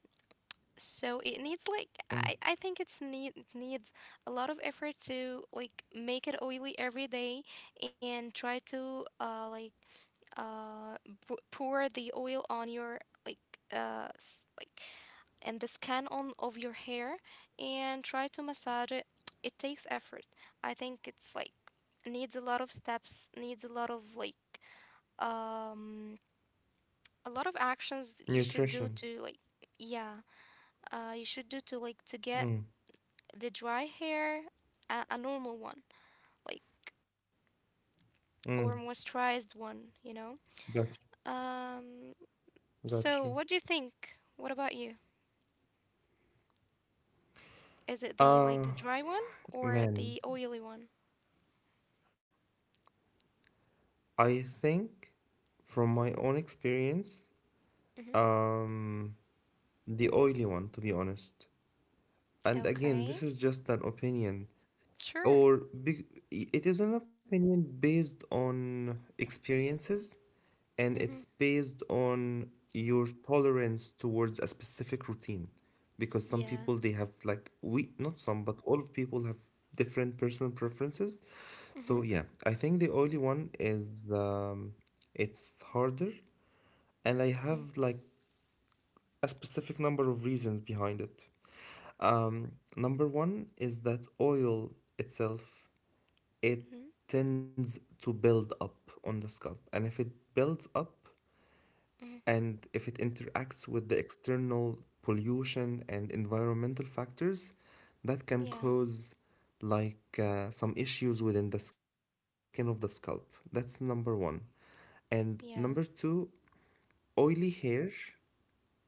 B: so it needs like i
A: Mm.
B: i think it needs a lot of effort to like make it oily every day and try to like uh pour the oil on your like like and the skin on of your hair and try to massage it. It takes effort. I think it's like needs a lot of steps, needs a lot of like um a lot of actions you should do
A: Nutrition.
B: to like yeah you should do to like to get
A: Mm.
B: the dry hair a normal one like
A: Mm.
B: or moisturized one.
A: Got
B: um
A: you. Got
B: so
A: you.
B: what do you think, what about you, is it the like the
A: Uh,
B: dry one or the
A: Man.
B: oily one?
A: I think from my own experience,
B: Mm-hmm.
A: um, the oily one, to be honest. And again,
B: Okay.
A: this is just an opinion
B: Sure.
A: or be- it is an opinion based on experiences, and
B: Mm-hmm.
A: it's based on your tolerance towards a specific routine, because some
B: Yeah.
A: people they have like we not some but all of people have different personal preferences. So
B: Mm-hmm.
A: yeah, I think the only one is it's harder, and I
B: Mm-hmm.
A: have like a specific number of reasons behind it. um, Number one is that oil itself, it
B: Mm-hmm,
A: tends to build up on the scalp. And if it builds up
B: mm-hmm.
A: and if it interacts with the external pollution and environmental factors, that can
B: Yeah.
A: cause like some issues within the skin of the scalp. That's number one. And number
B: Yeah.
A: two, oily hair,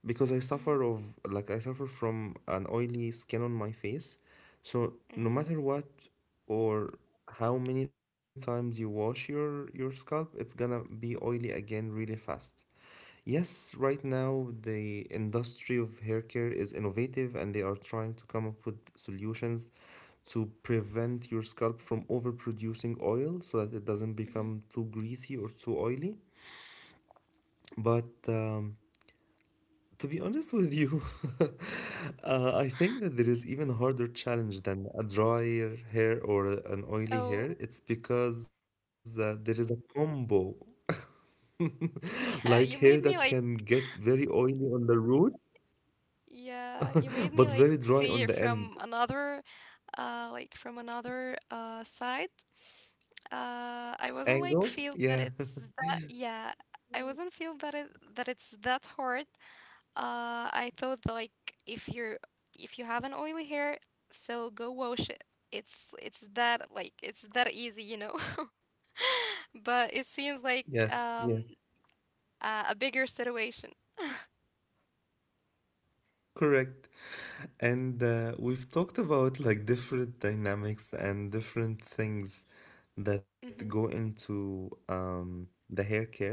A: because I
B: Mm-hmm.
A: suffer of like I suffer from an oily skin on my face. So
B: Mm-hmm.
A: no matter what or how many times you wash your scalp, it's gonna be oily again really fast. Yes, right now the industry of hair care is innovative and they are trying to come up with solutions to prevent your scalp from overproducing oil so that it doesn't become
B: Mm-hmm.
A: too greasy or too oily. But to be honest with you, I think that there is even harder challenge than a drier hair or an oily hair.
B: Oh.
A: It's because there is a combo, like
B: Yeah, you
A: hair
B: made me
A: that
B: like
A: can get very oily on the root,
B: Yeah, you made me
A: but
B: like
A: very dry
B: see
A: on
B: it
A: the end
B: from another like from another side. I wasn't like
A: angle.
B: feel that
A: Yeah.
B: it's that, yeah, I wasn't feel that it's that hard. I thought that, like if you're if you have an oily hair, so go wash it. It's that like it's that easy. But it seems like
A: Yes. Yeah.
B: a bigger situation.
A: Correct. And we've talked about like different dynamics and different things that go
B: Mhm.
A: into the hair care,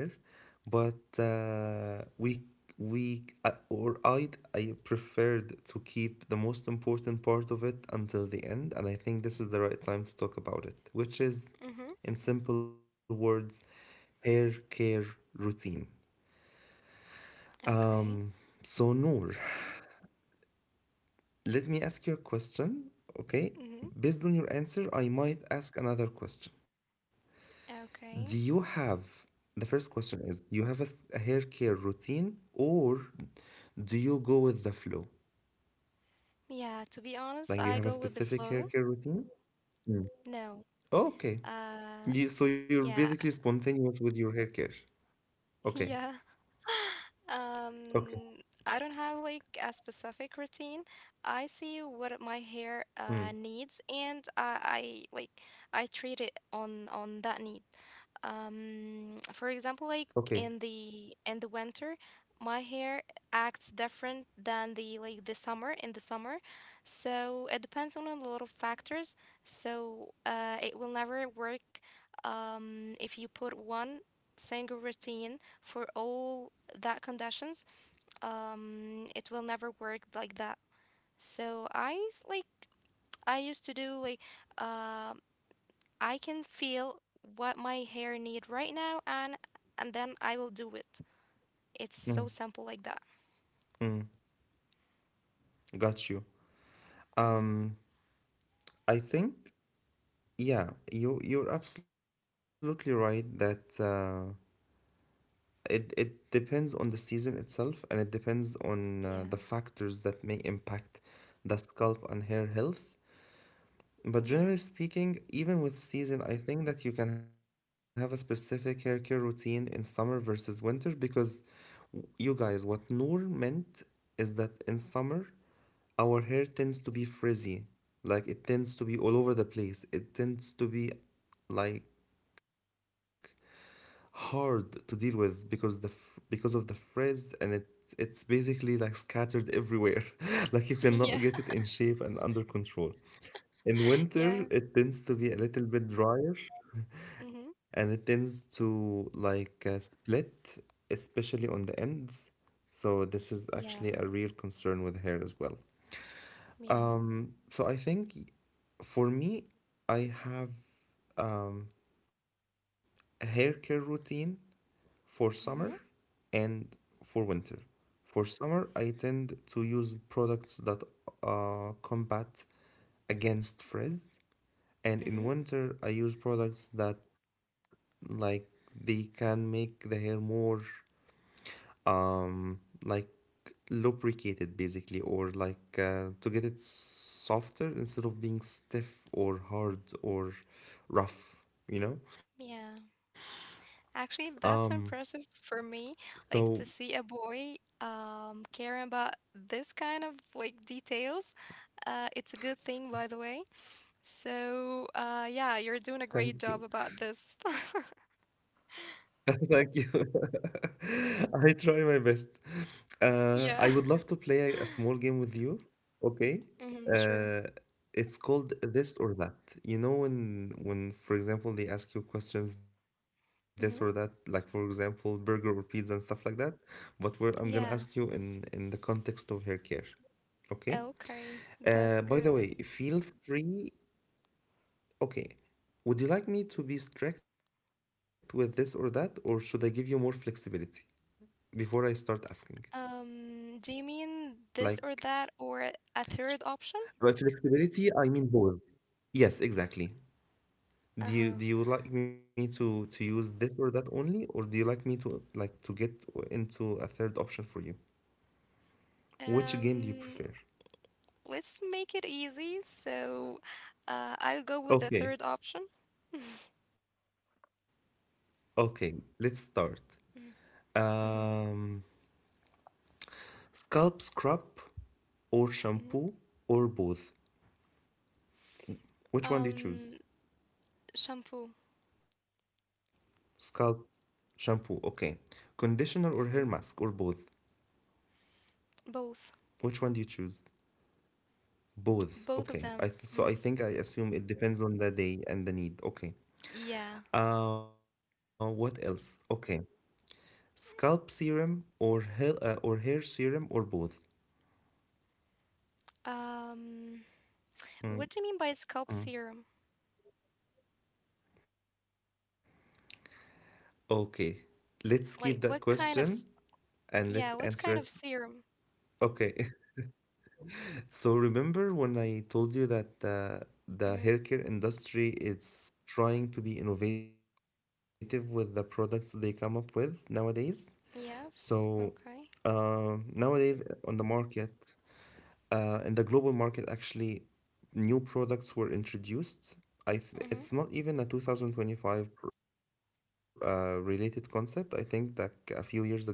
A: but we I- or I I preferred to keep the most important part of it until the end, and I think this is the right time to talk about it, which is,
B: Mhm.
A: in simple words, hair care routine.
B: Okay.
A: Um, so Noor, let me ask you a question, okay?
B: Mhm.
A: Based on your answer, I might ask another question. Do
B: Okay.
A: you have, the first question is, do you have a, a hair care routine or do you go with the flow?
B: Yeah, to be honest,
A: Like, do you
B: I
A: have a
B: go with the
A: specific hair
B: flow.
A: care routine?
B: No.
A: Okay.
B: Uh,
A: You, so you're
B: yeah.
A: basically spontaneous with your hair care. Okay.
B: Yeah.
A: Okay.
B: Um, I don't have like a specific routine. I see what my hair
A: Mm.
B: needs and I like I treat it on that need. For example, like in
A: Okay.
B: the in the winter, my hair acts different than the like the summer in the summer. So it depends on a lot of factors. So it will never work if you put one single routine for all that conditions, it will never work like that. So I like I used to do like um I can feel what my hair need right now, and then I will do it.
A: Mm.
B: It's so simple like that.
A: Mm. Got you.
B: Mm-hmm.
A: Um, I think, yeah, you're absolutely right that it depends on the season itself, and it depends on the
B: Yeah.
A: factors that may impact the scalp and hair health. But
B: Yeah.
A: generally speaking, even with season, I think that you can have a specific hair care routine in summer versus winter, because you guys, what Noor meant is that in summer, our hair tends to be frizzy. Like it tends to be all over the place. It tends to be like hard to deal with because the f- because of the frizz, and it it's basically like scattered everywhere like you cannot get
B: Yeah.
A: it in shape and under control. In winter
B: Yeah.
A: it tends to be a little bit drier and
B: Mm-hmm.
A: it tends to like split, especially on the ends. So this is
B: Yeah.
A: actually a real concern with hair as well.
B: Yeah.
A: So I think for me, I have um, a hair care routine for
B: Mm-hmm.
A: summer and for winter. For summer, I tend to use products that combat against frizz, and in
B: Mm-hmm.
A: winter, I use products that like they can make the hair more um like lubricated, basically, or like to get it softer instead of being stiff or hard or rough.
B: Yeah.
A: um
B: Actually, that's impressive for me,
A: so
B: like to see a boy caring about this kind of like details. It's a good thing, by the way. So, yeah, you're doing a great job
A: Thank
B: about
A: you.
B: this.
A: Thank you. I try my best. I
B: Yeah.
A: would love to play a small game with you. Okay.
B: Mm-hmm, sure.
A: Uh, it's called this or that. You know when when for example they ask you questions this or that, like for
B: Mm-hmm.
A: example burger or pizza and stuff like that. But where I'm gonna ask you
B: Yeah.
A: in the context of hair care. Okay.
B: Okay,
A: By
B: that's
A: the way,
B: good.
A: feel free. Okay. Would you like me to be strict with this or that, or should I give you more flexibility before I start asking?
B: Do you mean
A: Like,
B: this or that or a third option?
A: by flexibility, I mean bold. Yes, exactly. Do
B: Uh-huh.
A: you do you like me to use this or that only, or do you like me to to get into a third option for you? Which game do you
B: Um,
A: prefer?
B: let's make it easy. So, I'll go with the third
A: Okay,
B: option.
A: okay, let's start.
B: Mhm.
A: Um, scalp scrub or
B: Mhm.
A: shampoo or both? Which one do you
B: Um,
A: choose?
B: Shampoo.
A: Scalp shampoo, okay. Conditioner or hair
B: Hmm.
A: mask or both?
B: Both.
A: Which one do you choose? Both.
B: Both of them.
A: Okay. I th
B: Hmm.
A: So I think I assume it depends on the day and the need. Okay.
B: Yeah.
A: What else? Okay. Scalp serum or hair or hair serum or both?
B: Um, what do you mean by
A: Mm,
B: scalp serum?
A: Okay. Let's keep
B: Like,
A: that
B: what kind of,
A: question and let's
B: yeah, what
A: answer
B: kind
A: it.
B: of serum?
A: Okay. So, remember when I told you that
B: Hmm.
A: the hair care industry is trying to be innovative with the products they come up with nowadays?
B: Yes.
A: So,
B: Okay.
A: nowadays, on the market, uh, in the global market, actually, new products were introduced.
B: Mm-hmm.
A: It's not even a 2025 related concept. I think that a few years ago,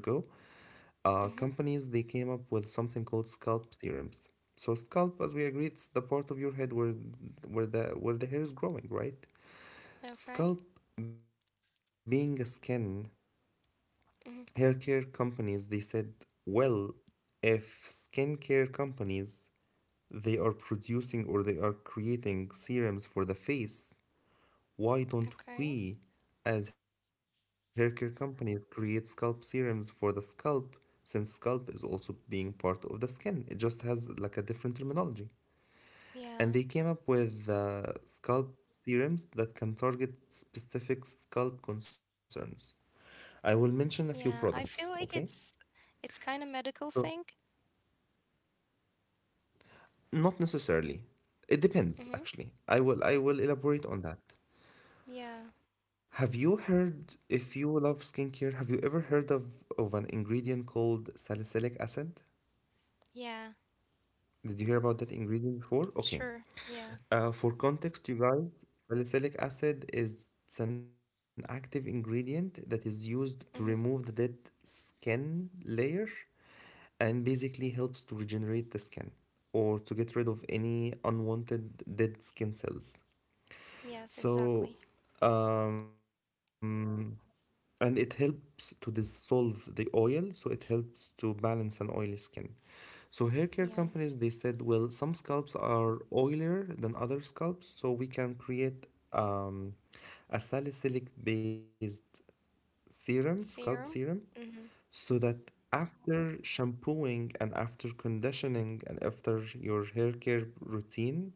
B: Mm-hmm.
A: companies, they came up with something called scalp serums. So scalp, as we agreed, it's the part of your head where where the hair is growing, right?
B: Okay.
A: Scalp being a skin,
B: Mm-hmm.
A: hair care companies, they said, well, if skincare companies, they are producing or they are creating serums for the face. Why
B: Okay.
A: don't we, as hair care companies, create scalp serums for the scalp, since scalp is also being part of the skin? It just has like a different terminology.
B: Yeah.
A: And they came up with scalp serums that can target specific scalp concerns. I will
B: Yeah.
A: mention a
B: I
A: few
B: feel like
A: products, okay?
B: it's kind of medical thing.
A: So, not necessarily. It
B: Mm-hmm.
A: depends, actually. I will elaborate on that.
B: Yeah.
A: Have you heard, if you love skincare, have you ever heard of an ingredient called salicylic acid?
B: Yeah.
A: Did you hear about that ingredient before? Okay.
B: Sure. Yeah.
A: For context, you guys, salicylic acid is, it's an active ingredient that is used to remove the
B: Mm-hmm.
A: dead skin layer and basically helps to regenerate the skin or to get rid of any unwanted dead skin cells.
B: Yes,
A: So,
B: exactly.
A: um, and it helps to dissolve the oil, so it helps to balance an oily skin. So hair care companies,
B: Yeah.
A: they said, well, some scalps are oilier than other scalps, so we can create um, a salicylic based serum, scalp
B: Serum.
A: serum,
B: Mm-hmm.
A: so that after shampooing and after conditioning and after your hair care routine,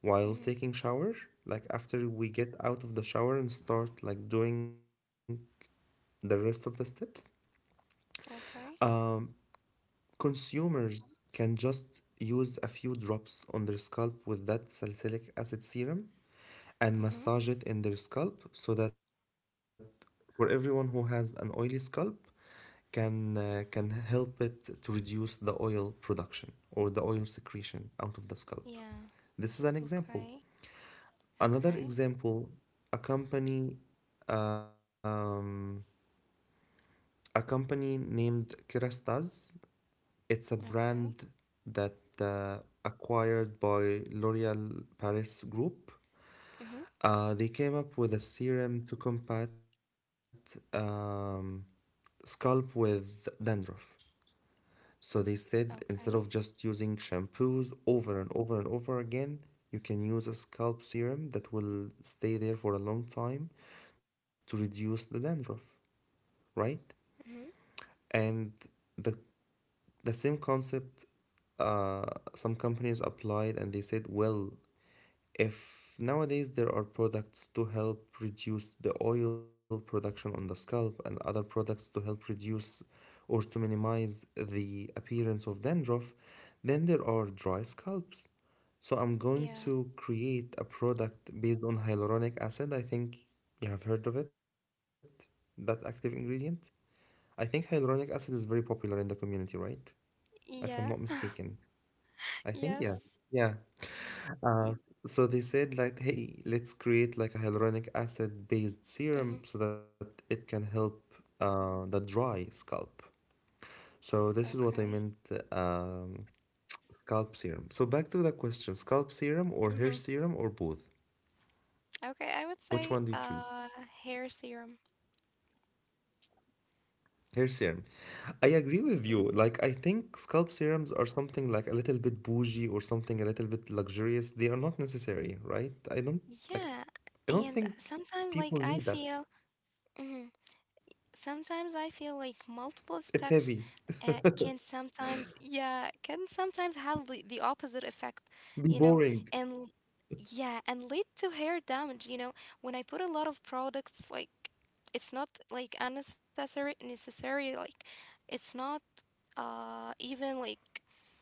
A: while
B: Mm-hmm.
A: taking shower, like after we get out of the shower and start like doing the rest of the steps,
B: Okay.
A: um, consumers can just use a few drops on their scalp with that salicylic acid serum and
B: Mm-hmm.
A: massage it in their scalp, so that for everyone who has an oily scalp, can help it to reduce the oil production or the oil secretion out of the scalp.
B: Yeah.
A: This is an example.
B: Okay.
A: Another
B: Okay.
A: example, a company, um, a company named Kerastase. It's a brand
B: Okay.
A: that, uh, acquired by L'Oréal Paris Group.
B: Mm-hmm.
A: They came up with a serum to combat um, scalp with dandruff. So they said, instead of
B: Okay.
A: just using shampoos over and over and over again, you can use a scalp serum that will stay there for a long time to reduce the dandruff, right?
B: Mm-hmm.
A: And the the same concept, uh, some companies applied, and they said, well, if nowadays there are products to help reduce the oil production on the scalp and other products to help reduce or to minimize the appearance of dandruff, then there are dry scalps, so I'm going
B: Yeah.
A: to create a product based on hyaluronic acid. I think you have heard of it, that active ingredient. I think hyaluronic acid is very popular in the community, right, if I'm not
B: Yeah.
A: mistaken. I think yes.
B: Yes.
A: Yeah. Uh, so they said like, hey, let's create like a hyaluronic acid based
B: Mm-hmm.
A: serum so that it can help the dry scalp. So this is what I
B: Okay.
A: meant, um, scalp serum. So back to the question, scalp serum or hair
B: Mm-hmm.
A: serum or both?
B: Okay. I would
A: Which
B: say
A: one do you choose?
B: hair serum.
A: Hair serum. I agree
B: Mm-hmm.
A: with you. Like, I think scalp serums are something like a little bit bougie or something a little bit luxurious. They are not necessary, right? I don't like,
B: Yeah.
A: I
B: And
A: don't think
B: sometimes like I
A: people need
B: feel.
A: that.
B: Mhm. Sometimes I feel like
A: It's
B: multiple
A: heavy.
B: steps can sometimes, yeah, can sometimes have the opposite effect,
A: Be
B: you know,
A: boring.
B: and yeah, and lead to hair damage, when I put a lot of products, like it's not like unnecessary, necessary, like it's not even like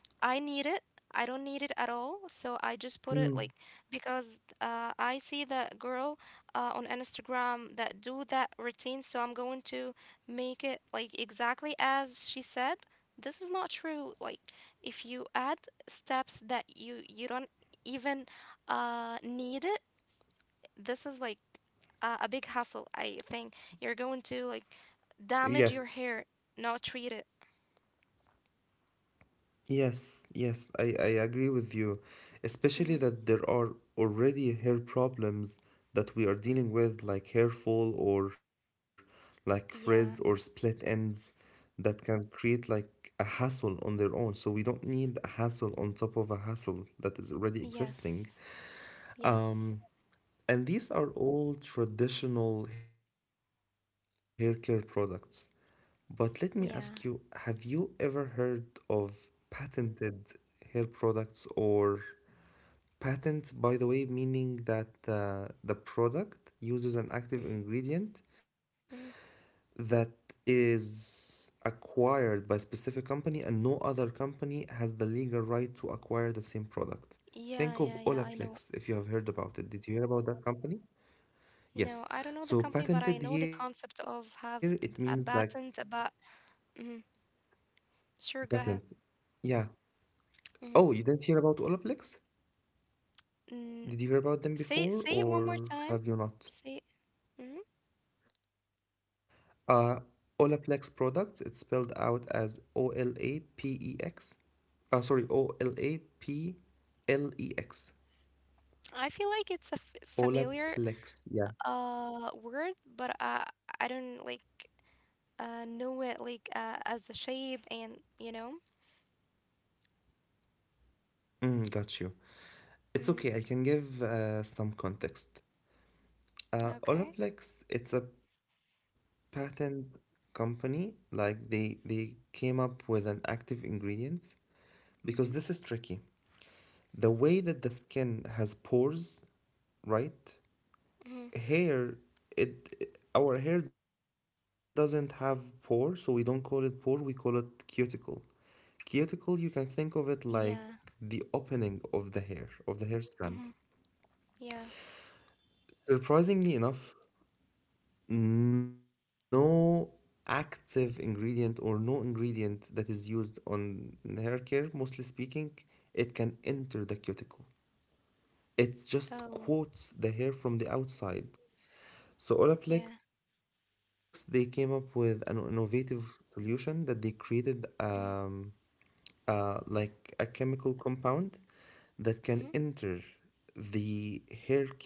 B: I need it. I don't need it at all. So I just put it like
A: Mm,
B: because I see that girl on Instagram that do that routine. So I'm going to make it like exactly as she said. This is not true. Like if you add steps that you don't even need it, this is like a big hassle. I think you're going to like damage
A: Yes.
B: your hair, not treat it.
A: Yes, I agree with you. Especially
B: Hmm.
A: that there are already hair problems that we are dealing with, like hair fall or like frizz or
B: Yeah.
A: split ends that can create like a hassle on their own. So we don't need a hassle on top of a hassle that is already existing.
B: Yes.
A: Um,
B: Yes.
A: and these are all traditional hair care products. But let me ask you, have you
B: Yeah.
A: ever heard of patented hair products or patent, by the way, meaning that the product uses an
B: Mhm,
A: active ingredient
B: mhm.
A: that is acquired by a specific company and no other company has the legal right to acquire the same product.
B: Yeah, yeah,
A: Think
B: yeah,
A: of
B: I know.
A: Olaplex, if you have heard about it. Did you hear about that company?
B: No, I don't know the
A: Yes.
B: company, but I
A: So
B: know the
A: patented
B: concept
A: here,
B: of
A: it
B: have
A: means
B: the,
A: like
B: a patent about. Mhm. Sure, go
A: patent.
B: ahead.
A: Yeah.
B: Mhm.
A: Oh, you didn't hear about Olaplex?
B: Mm,
A: Did you hear
B: say
A: about
B: say
A: them
B: it one more
A: before
B: time.
A: or
B: Say it.
A: have you not?
B: Mhm.
A: Uh, Olaplex products, it's spelled out as OLAPEX. Sorry, OLAPLEX.
B: I feel like it's a f familiar
A: Olaplex, yeah.
B: word, but I don't like know it like as a shape and.
A: Mm, got you.
B: Hmm.
A: It's okay, I can give some context.
B: Okay.
A: Olaplex, it's a patent company. Like, they came up with an active ingredient,
B: Hmm.
A: because this is tricky. The way that the skin has pores, right?
B: Hmm.
A: Hair, it, our hair doesn't have pore, so we don't call it pore, we call it cuticle. Cuticle, you can think of it
B: Yeah.
A: like the opening of the hair, of the
B: Hmm.
A: hair strand.
B: Yeah.
A: Surprisingly enough, no active ingredient or no ingredient that is used on, in hair care, mostly speaking, it can enter the cuticle. It
B: Oh,
A: just coats the hair from the outside. So
B: yeah.
A: Olaplex, they came up with an innovative solution that they created,
B: Hmm.
A: like a chemical compound that can enter
B: Hmm.
A: the hair cuticle,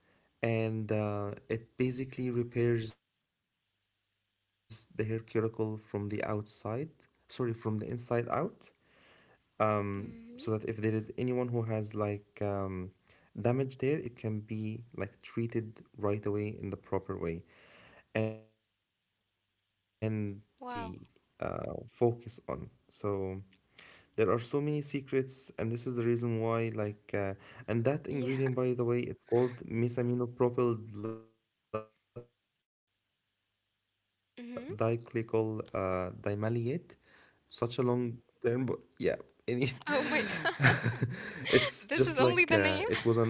A: and it basically repairs the hair cuticle from the outside, sorry, from the inside out, so that if there is anyone who has like
B: Hmm.
A: damage there, it can be like treated right away in the proper way. And yeah, this is what like what what they
B: Wow.
A: mainly focus on. So there are so many secrets, and this is the reason why like, and that
B: Yeah.
A: ingredient, by the way, it's called mesaminopropyl diglycol dimaleate.
B: Hmm.
A: Such a long term, but yeah, any it's just like,
B: Oh my
A: it was an
B: god.
A: honor,
B: This is
A: honorable
B: only the name.
A: mention.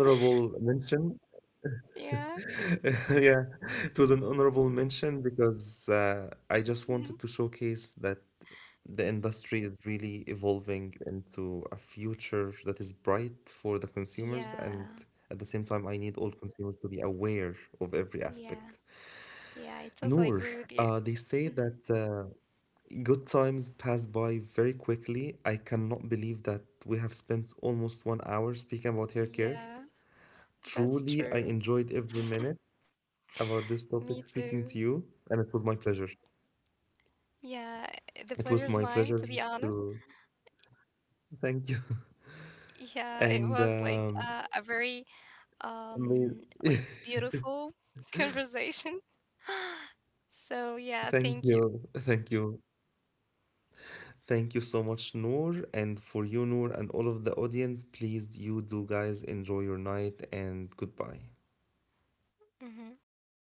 A: Yeah, it was an
B: Yeah.
A: honorable mention because I just wanted to showcase that
B: Hmm.
A: the industry is really evolving into a future that is bright for the consumers, and at the same time, I
B: Yeah.
A: need all consumers to be aware of every aspect.
B: Yeah.
A: Noor,
B: Yeah, I totally
A: they
B: agree with
A: say
B: you.
A: that
B: Hmm.
A: good times pass by very quickly. I cannot believe that we have spent almost one hour speaking about hair care.
B: Yeah, that's
A: Truly, I
B: true.
A: enjoyed every minute about this topic
B: Me
A: speaking to you,
B: too.
A: and it was my pleasure.
B: Yeah, the
A: It was
B: pleasure's
A: my
B: mine, to
A: pleasure
B: be honest.
A: to thank you.
B: Yeah, it
A: And
B: was like a very
A: I mean,
B: um like beautiful conversation. So yeah,
A: thank
B: thank you.
A: you, thank you so much, Noor. And for you, Noor, and all of the audience, please, you do guys enjoy your night and goodbye.
B: Hmm.